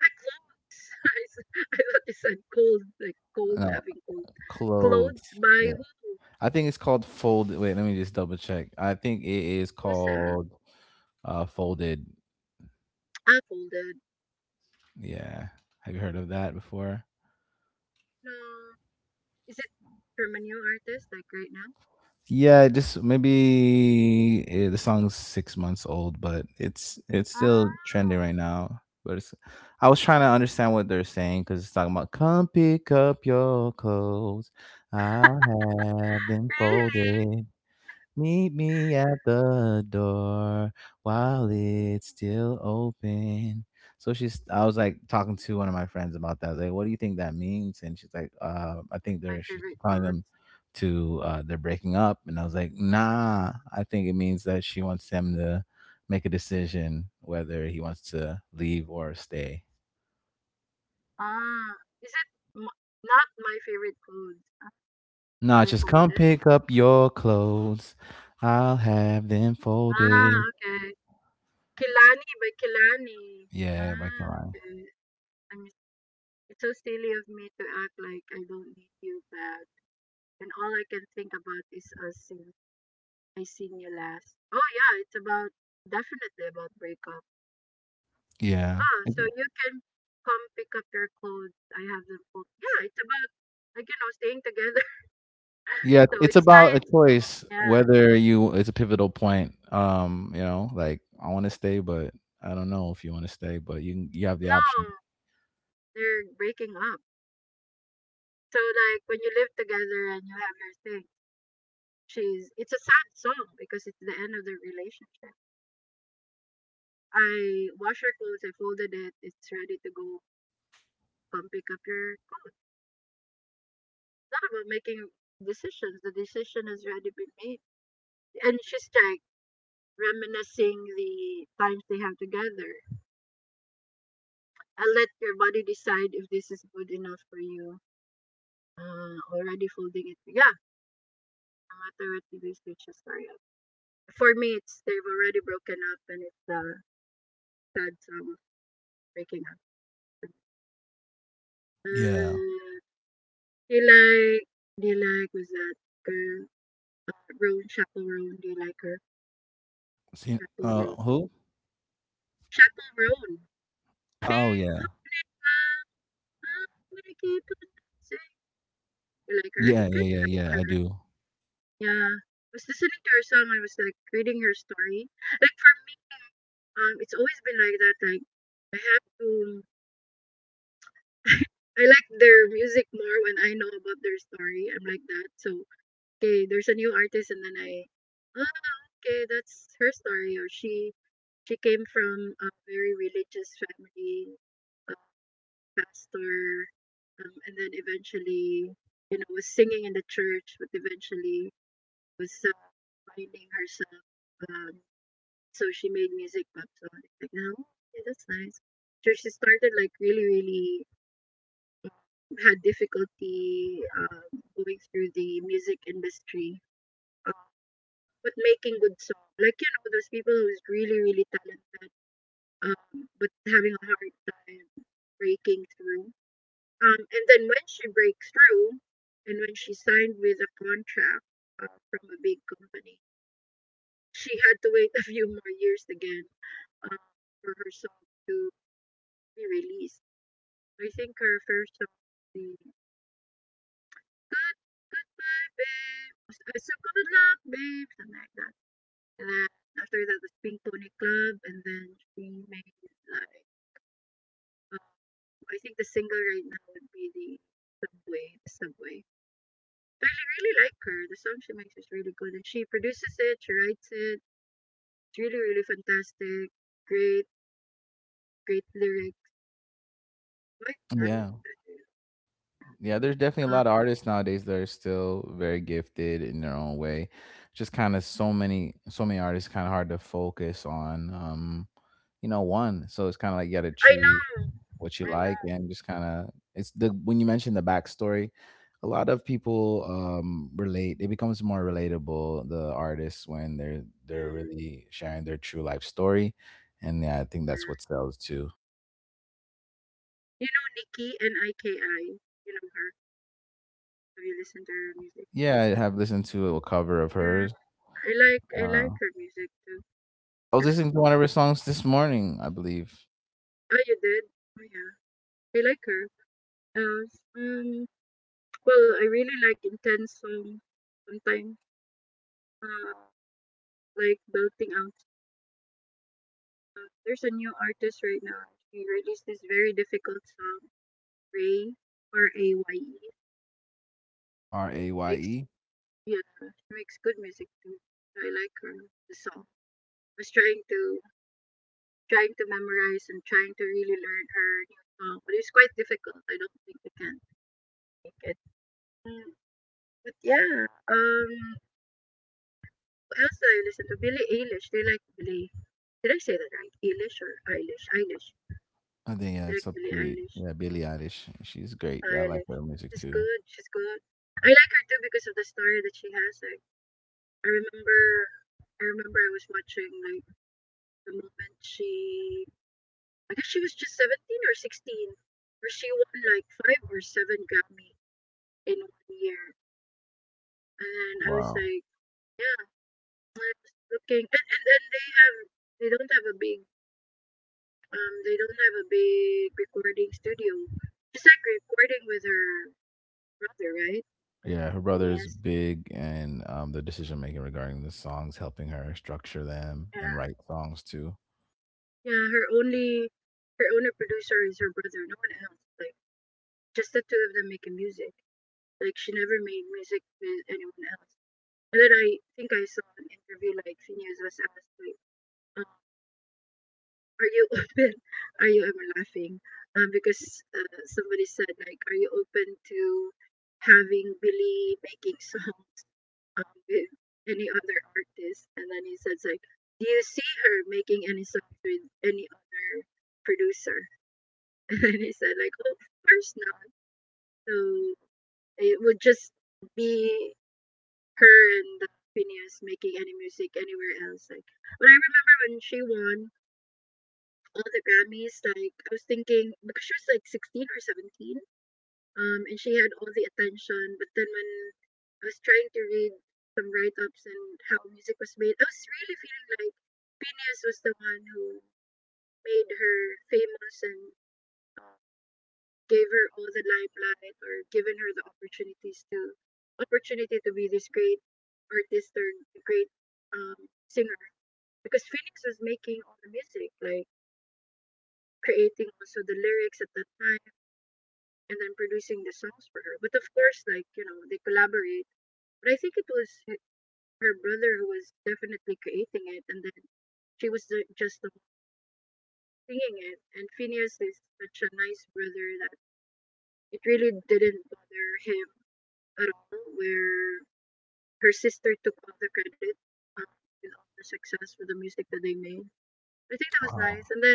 S1: Clothes. I s- I thought you said cold, like cold,
S2: No,
S1: having cold.
S2: "Clothes."
S1: Clothes by
S2: Yeah,
S1: who?
S2: I think it's called "Fold." Wait, let me just double check. I think it is
S1: Who's that?
S2: called uh, "Folded."
S1: Ah, folded.
S2: Yeah. Have you heard of that before?
S1: No. Is it from a new artist, like right now?
S2: Yeah, just maybe eh, the song's six months old, but it's it's still trending
S1: Oh,
S2: right now. But it's, I was trying to understand what they're saying because it's talking about come pick up your clothes, I'll have them
S1: really?
S2: folded. Meet me at the door while it's still open. So she's, I was like talking to one of my friends about that. I was like, what do you think that means? And she's like, uh, I think
S1: My
S2: they're, she's
S1: favorite
S2: calling
S1: clothes.
S2: them to, uh, they're breaking up. And I was like, nah, I think it means that she wants him to make a decision whether he wants to leave or stay.
S1: Ah, is it, m, not my favorite clothes? Ah,
S2: Nah,
S1: by
S2: just come
S1: folded?
S2: pick up your clothes. I'll have them
S1: Ah,
S2: folded.
S1: okay. Kilani by Kilani.
S2: Yeah, by
S1: Ah,
S2: Kalani.
S1: okay. I mean, it's so silly of me to act like I don't need you bad, and all I can think about is us since I seen you last. Oh yeah, it's about, definitely about breakup.
S2: Yeah.
S1: Ah, so you can come pick up your clothes. I have them full. Yeah, it's about, like you know, staying together.
S2: Yeah,
S1: So
S2: it's
S1: it's
S2: about a
S1: nice.
S2: choice
S1: Yeah.
S2: whether you it's a pivotal point, um you know, like I want to stay, but I don't know if you want to stay, but you can- you have the option.
S1: No, they're breaking up. So like when you live together and you have your thing, she's, it's a sad song because it's the end of the relationship. I wash her clothes, I folded it, it's ready to go. Come pick up your clothes. Not about making decisions. The decision has already been made. And she's like reminiscing the times they have together. And let your body decide if this is good enough for you. Uh, already folding it. Yeah, no matter what the research is for you. For me, it's they've already broken up and it's a uh, sad song of breaking up.
S2: Yeah.
S1: Uh, do you like, do you like, was that girl? Uh, Roan, Chapel Roan, do you like her?
S2: see
S1: Chapel Roan.
S2: uh who?
S1: Chapel Roan.
S2: Oh
S1: Pink
S2: yeah,
S1: Pony Nikki, good night, saying, like, right?
S2: yeah yeah
S1: Good
S2: yeah
S1: night,
S2: yeah I
S1: girl.
S2: do.
S1: Yeah. I was listening to her song. I was like reading her story. Like for me, um, it's always been like that. Like I have to. I like their music more when I know about their story. I'm like that. So okay, there's a new artist, and then I, ah, okay, that's her story, or she she came from a very religious family. uh, Pastor, um, and then eventually, you know, was singing in the church, but eventually was uh, finding herself. Um, so she made music pop song. It's like, no, okay, that's nice. So she started like really, really uh, had difficulty um, going through the music industry, uh, but making good song. Like you know, those people who's really, really talented, um, but having a hard time breaking through. Um, and then when she breaks through, and when she signed with a contract uh, from a big company, she had to wait a few more years again um, for her song to be released. I think her first song, the Good Goodbye Babe, uh, so good luck babe, something like that. And then after that was Pink Tony Club, and then she made, like, um, I think the single right now would be the Subway, Subway. I really like her. The song she makes is really good, and she produces it. She writes it. It's really, really fantastic. Great, great lyrics. Quite
S2: Yeah,
S1: talented.
S2: yeah, there's definitely a
S1: Uh,
S2: lot of artists nowadays that are still very gifted in their own way. Just kind of so many so many artists, kind of hard to focus on, um you know, one. So it's kind of like you got to
S1: I
S2: choose
S1: know.
S2: what you
S1: I
S2: like,
S1: know.
S2: and just kind of it's the when you mentioned the backstory, a lot of people um relate, it becomes more relatable, the artists when they're they're
S1: Mm,
S2: really sharing their true life story. And yeah, I think that's what
S1: yeah.
S2: sells too.
S1: You know Nikki, N I K I. You know her. Have you listened to her music?
S2: Yeah, I have listened to a cover of
S1: Yeah,
S2: hers.
S1: I like I
S2: uh,
S1: like her music too.
S2: I was
S1: Kind of
S2: listening to
S1: cool.
S2: one of her songs this morning, I believe.
S1: Oh, you did? Oh yeah, I like her. Uh, um, well, I really like intense songs sometimes. Uh, like belting out. There's a new artist right now. She released this very difficult song, Ray, R A Y E. Makes,
S2: R A Y E.
S1: yeah, she makes good music too. I like her the song. I was trying to, trying to memorize and trying to really learn her new song, but it's quite difficult. I don't think I can make it. Mm, but yeah, um, who else do I listen to? Billie Eilish. They like Billie. Did I say that right? Eilish or Eilish? Eilish.
S2: I think, yeah,
S1: They like
S2: it's up
S1: Billie
S2: to,
S1: Eilish.
S2: yeah, Billie Eilish. She's great. Yeah, I like
S1: Stylish.
S2: her music
S1: She's
S2: too.
S1: good. She's good. I like her too because of the story that she has. Like I remember, I remember I was watching like the moment she, I guess she was just seventeen or sixteen, where she won like five or seven Grammy in one year, and then I was
S2: Wow.
S1: like, yeah, I was looking, and, and then they have, they don't have a big, um, they don't have a big recording studio. She's like recording with her brother, right?
S2: Yeah, her brother is
S1: Phineas.
S2: big, and um, the decision making regarding the songs, helping her structure them
S1: Yeah.
S2: and write songs too.
S1: Yeah, her only her only producer is her brother, no one else. Like just the two of them making music. Like she never made music with anyone else. And then I think I saw an interview, like Phineas was asked like, um, "Are you open? Are you ever laughing?" Um, because uh, somebody said like, "Are you open to having Billy making songs um, with any other artist?" And then he says like, "Do you see her making any songs with any other producer?" And he said, like, oh, of course not. So it would just be her and the Phineas making any music anywhere else. Like, but I remember when she won all the Grammys, like, I was thinking, because she was like sixteen or seventeen, um, and she had all the attention. But then when I was trying to read some write ups and how music was made, I was really feeling like Phineas was the one who made her famous and gave her all the limelight, or given her the opportunities to, opportunity to be this great artist, or great um, singer, because Phoenix was making all the music, like creating also the lyrics at that time and then producing the songs for her. But of course, like you know, they collaborate. But I think it was h- her brother who was definitely creating it, and then she was the, just the one singing it. And Phineas is such a nice brother that it really didn't bother him at all. Where her sister took all the credit um, with all the success for the music that they made. I think that was nice.
S2: Wow,
S1: And then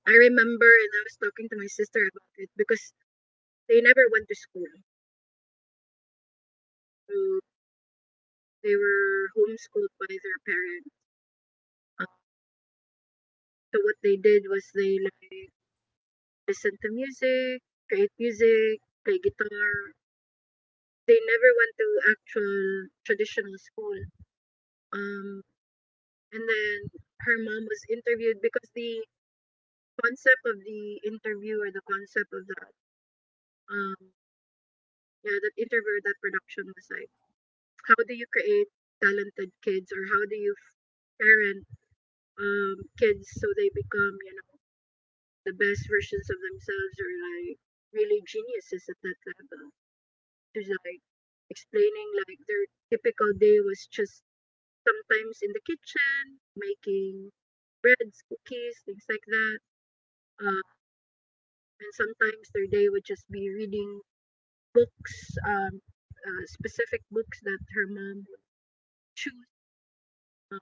S1: I remember, and I was talking to my sister about it, because they never went to school. So they were homeschooled by their parents. Um, so what they did was they like listen to music, create music, play guitar. They never went to actual traditional school. Um, and then her mom was interviewed, because the concept of the interview, or the concept of that, um yeah, that interview or that production was like, how do you create talented kids, or how do you f- parent um kids so they become, you know, the best versions of themselves, or like really geniuses at that level. There's like explaining, like their typical day was just sometimes in the kitchen making breads, cookies, things like that, uh, and sometimes their day would just be reading books, um, uh, specific books that her mom would choose. Uh,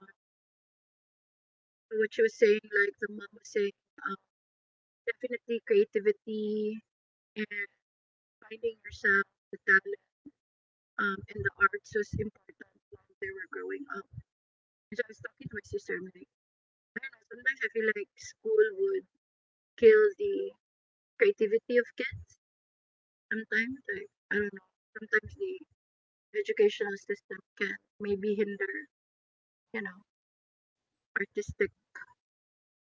S1: what she was saying, like the mom was saying, um, definitely creativity and finding yourself, the talent, um, and the arts was important while they were growing up. And so I was talking to my sister, I'm like, I don't know, sometimes I feel like school would kill the creativity of kids sometimes. Like, I don't know, sometimes the educational system can maybe hinder, you know, artistic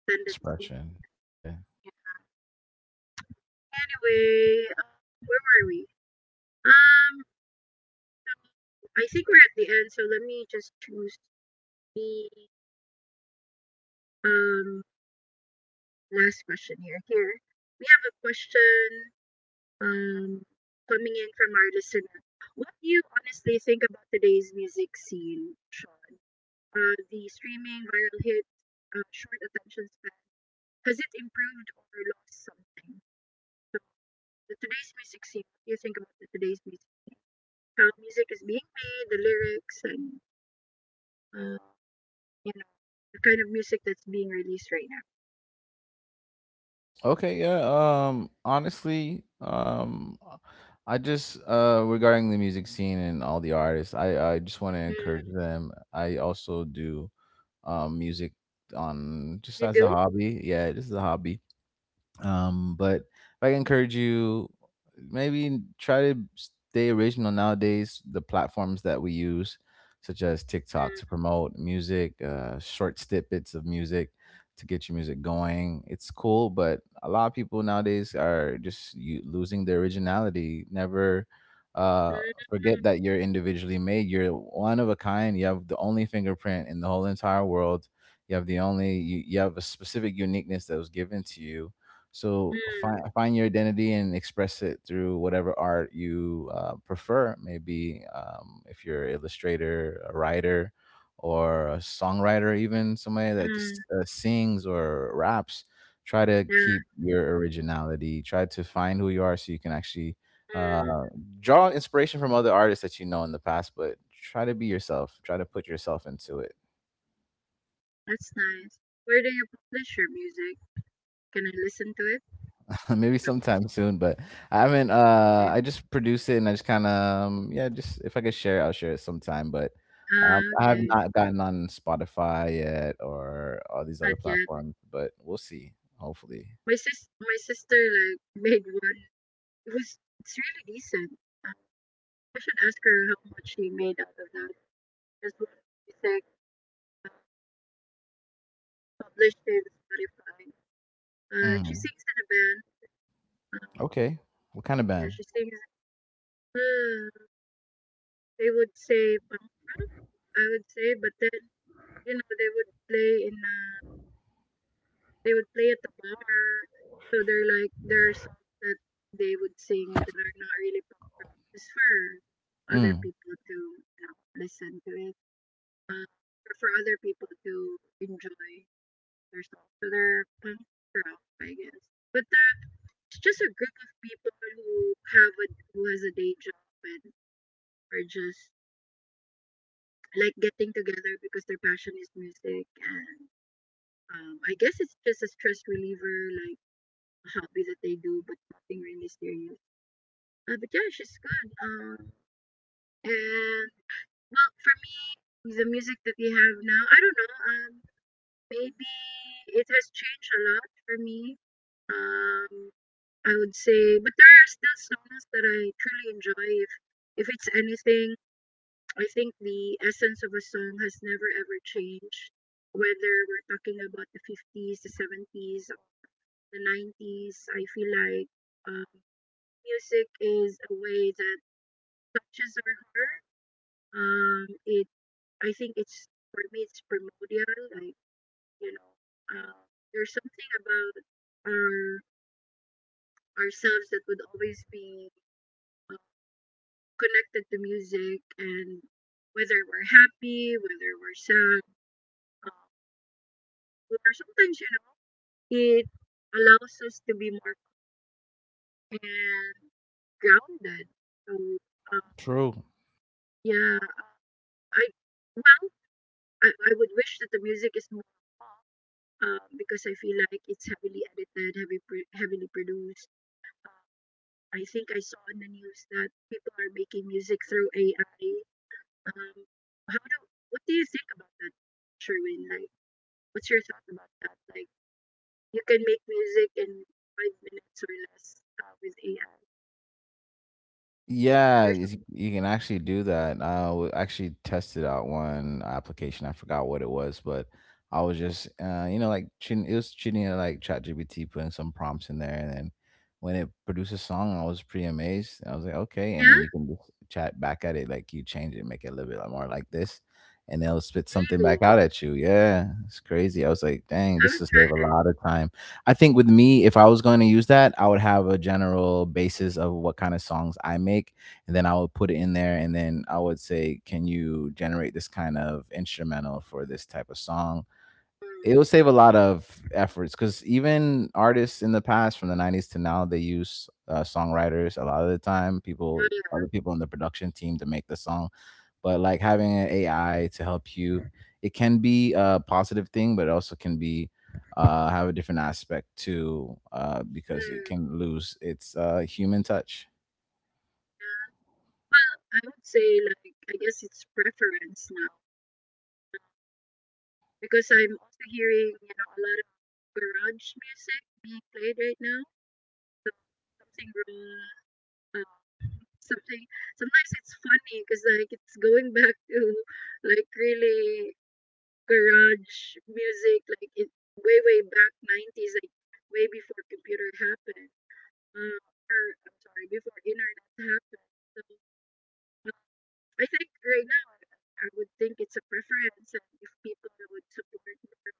S1: tendencies.
S2: expression. Yeah.
S1: Anyway, um, where were we? Um, so, I think we're at the end, so let me just choose the um last question here. Here we have a question um coming in from our listener. What do you honestly think about today's music scene, Sean? Uh, the streaming viral hit, uh, short attention span. Has it improved or lost something? So the today's music scene. What do you think about the today's music scene? How music is being made, the lyrics, and uh, you know the kind of music that's being released right now.
S2: Okay. Yeah. Um. Honestly. Um. I just uh regarding the music scene and all the artists, I I just want to
S1: Mm,
S2: encourage them. I also do um music on just
S1: you
S2: as a
S1: do?
S2: hobby. Yeah, just as a hobby. Um but if I can encourage you, maybe try to stay original. Nowadays, the platforms that we use, such as TikTok, to
S1: Mm,
S2: promote music, uh short snippets of music to get your music going, it's cool, but a lot of people nowadays are just you, losing their originality. Never uh
S1: mm,
S2: forget that you're individually made. You're one of a kind. You have the only fingerprint in the whole entire world. You have the only you, you have a specific uniqueness that was given to you. So find
S1: mm,
S2: find your identity and express it through whatever art you, uh, prefer. Maybe um, if you're an illustrator, a writer, or a songwriter, even somebody that just
S1: mm,
S2: uh, sings or raps. Try to keep
S1: yeah.
S2: your originality. Try to find who you are, so you can actually uh,
S1: Mm,
S2: draw inspiration from other artists that you know in the past. But try to be yourself. Try to put yourself into it.
S1: that's nice. Where do you publish your music? Can I listen to it?
S2: Maybe sometime soon, but I haven't, uh
S1: Okay.
S2: I just produce it and I just kind of, um, yeah, just if I could share it, I'll share it sometime. But um,
S1: Ah,
S2: I have
S1: okay.
S2: not gotten on Spotify yet or all these
S1: Not
S2: other
S1: yet.
S2: platforms, but we'll see, hopefully.
S1: My sis, my sister like made one. It was it's really decent. Uh, I should ask her how much she made out of that. Because one music uh, published in Spotify. Uh, she
S2: Mm,
S1: sings in a band.
S2: okay. What kind of
S1: Yeah,
S2: band?
S1: she sings, "Ah," they would say Pangra, I would say, but then, you know, they would play in uh they would play at the bar. So they're like, there are songs that they would sing that are not really Pangra, just for other
S2: Mm,
S1: people to, you know, listen to it. Uh, or for other people to enjoy their songs. So they're Pangra, I guess. But uh, it's just a group of people who have a, who has a day job and are just like getting together because their passion is music and um, I guess it's just a stress reliever, like a hobby that they do, but nothing really serious. Uh, but yeah, she's good. Um, and well, for me, the music that we have now, I don't know. Um, maybe it has changed a lot for me. Um, I would say, but there are still songs that I truly enjoy. If if it's anything, I think the essence of a song has never ever changed, whether we're talking about the fifties, the seventies, the nineties. I feel like um, music is a way that touches our heart. Um, it, I think it's, for me, it's primordial. Like, you know, um, there's something about our ourselves that would always be uh, connected to music, and whether we're happy, whether we're sad. um, or sometimes, you know, it allows us to be more and grounded. So, um,
S2: true.
S1: yeah, I well, I, I would wish that the music is more, um, because I feel like it's heavily edited, heavy pro- heavily produced. I think I saw in the news that people are making music through A I. Um, how do what do you think about that, Sherwin? Like, what's your thought about that? Like. You can make music in five minutes or less uh, with A I.
S2: Yeah,
S1: There's,
S2: is- you can actually do that. I w- actually tested out one application. I forgot what it was, but I was just, uh, you know, like cheating, it was cheating at like ChatGPT, putting some prompts in there, and then when it produced a song, I was pretty amazed. I was like, okay, and then you
S1: yeah,
S2: can just chat back at it, like you change it, make it a little bit like, more like this, and it'll spit something back
S1: really.
S2: out at you. Yeah, it's crazy. I was like, dang, this
S1: Haven't
S2: will save a
S1: tried it.
S2: lot of time. I think with me, if I was going to use that, I would have a general basis of what kind of songs I make, and then I would put it in there, and then I would say, "Can you generate this kind of instrumental for this type of song?"
S1: Mm,
S2: It will save a lot of efforts, because even artists in the past from the nineties to now they use uh, songwriters a lot of the time, people
S1: oh,
S2: other
S1: yeah.
S2: people in the production team to make the song. But like having an AI to help you, it can be a positive thing, but it also can be, uh, have a different aspect too, uh, because it
S1: Mm,
S2: can lose its uh, human touch.
S1: yeah. Well, I would say like I guess it's preference now because I'm also hearing, you know, a lot of garage music being played right now. So something raw, uh, something. Sometimes it's funny because like it's going back to like really garage music, like it way way back nineties, like way before computer happened. Uh, or I'm sorry, before internet happened. So uh, I think right now I would think it's a preference, and if people would support more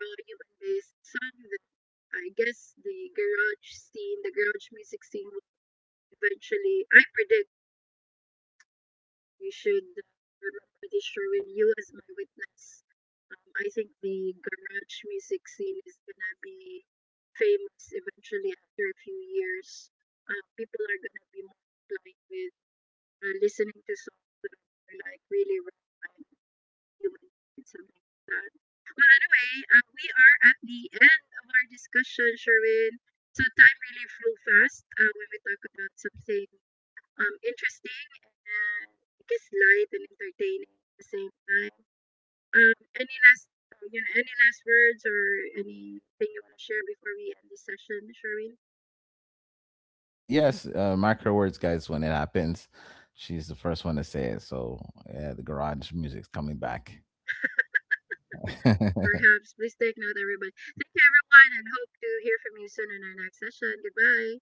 S1: raw human based song, then I guess the garage scene, the garage music scene, would eventually. I predict. You should uh, remember this, Sherwin. You as my witness. Um, I think the garage music scene is gonna be famous eventually after a few years. Uh, people are gonna be more inclined with uh, listening to songs that are like really relevant to human and something like that. Well, anyway, uh, we are at the end of our discussion, Sherwin. So time really flew fast uh, when we talk about something um, interesting and I guess light and entertaining at the same time. Um, any last uh, you know any last words or anything you want to share before we end this session, Sherwin?
S2: uh, Yes, uh, mark her words guys, when it happens, she's the first one to say it. So yeah, the garage music's coming back.
S1: Perhaps please take note, everybody. Thank you, everyone, and hope to hear from you soon in our next session. Goodbye.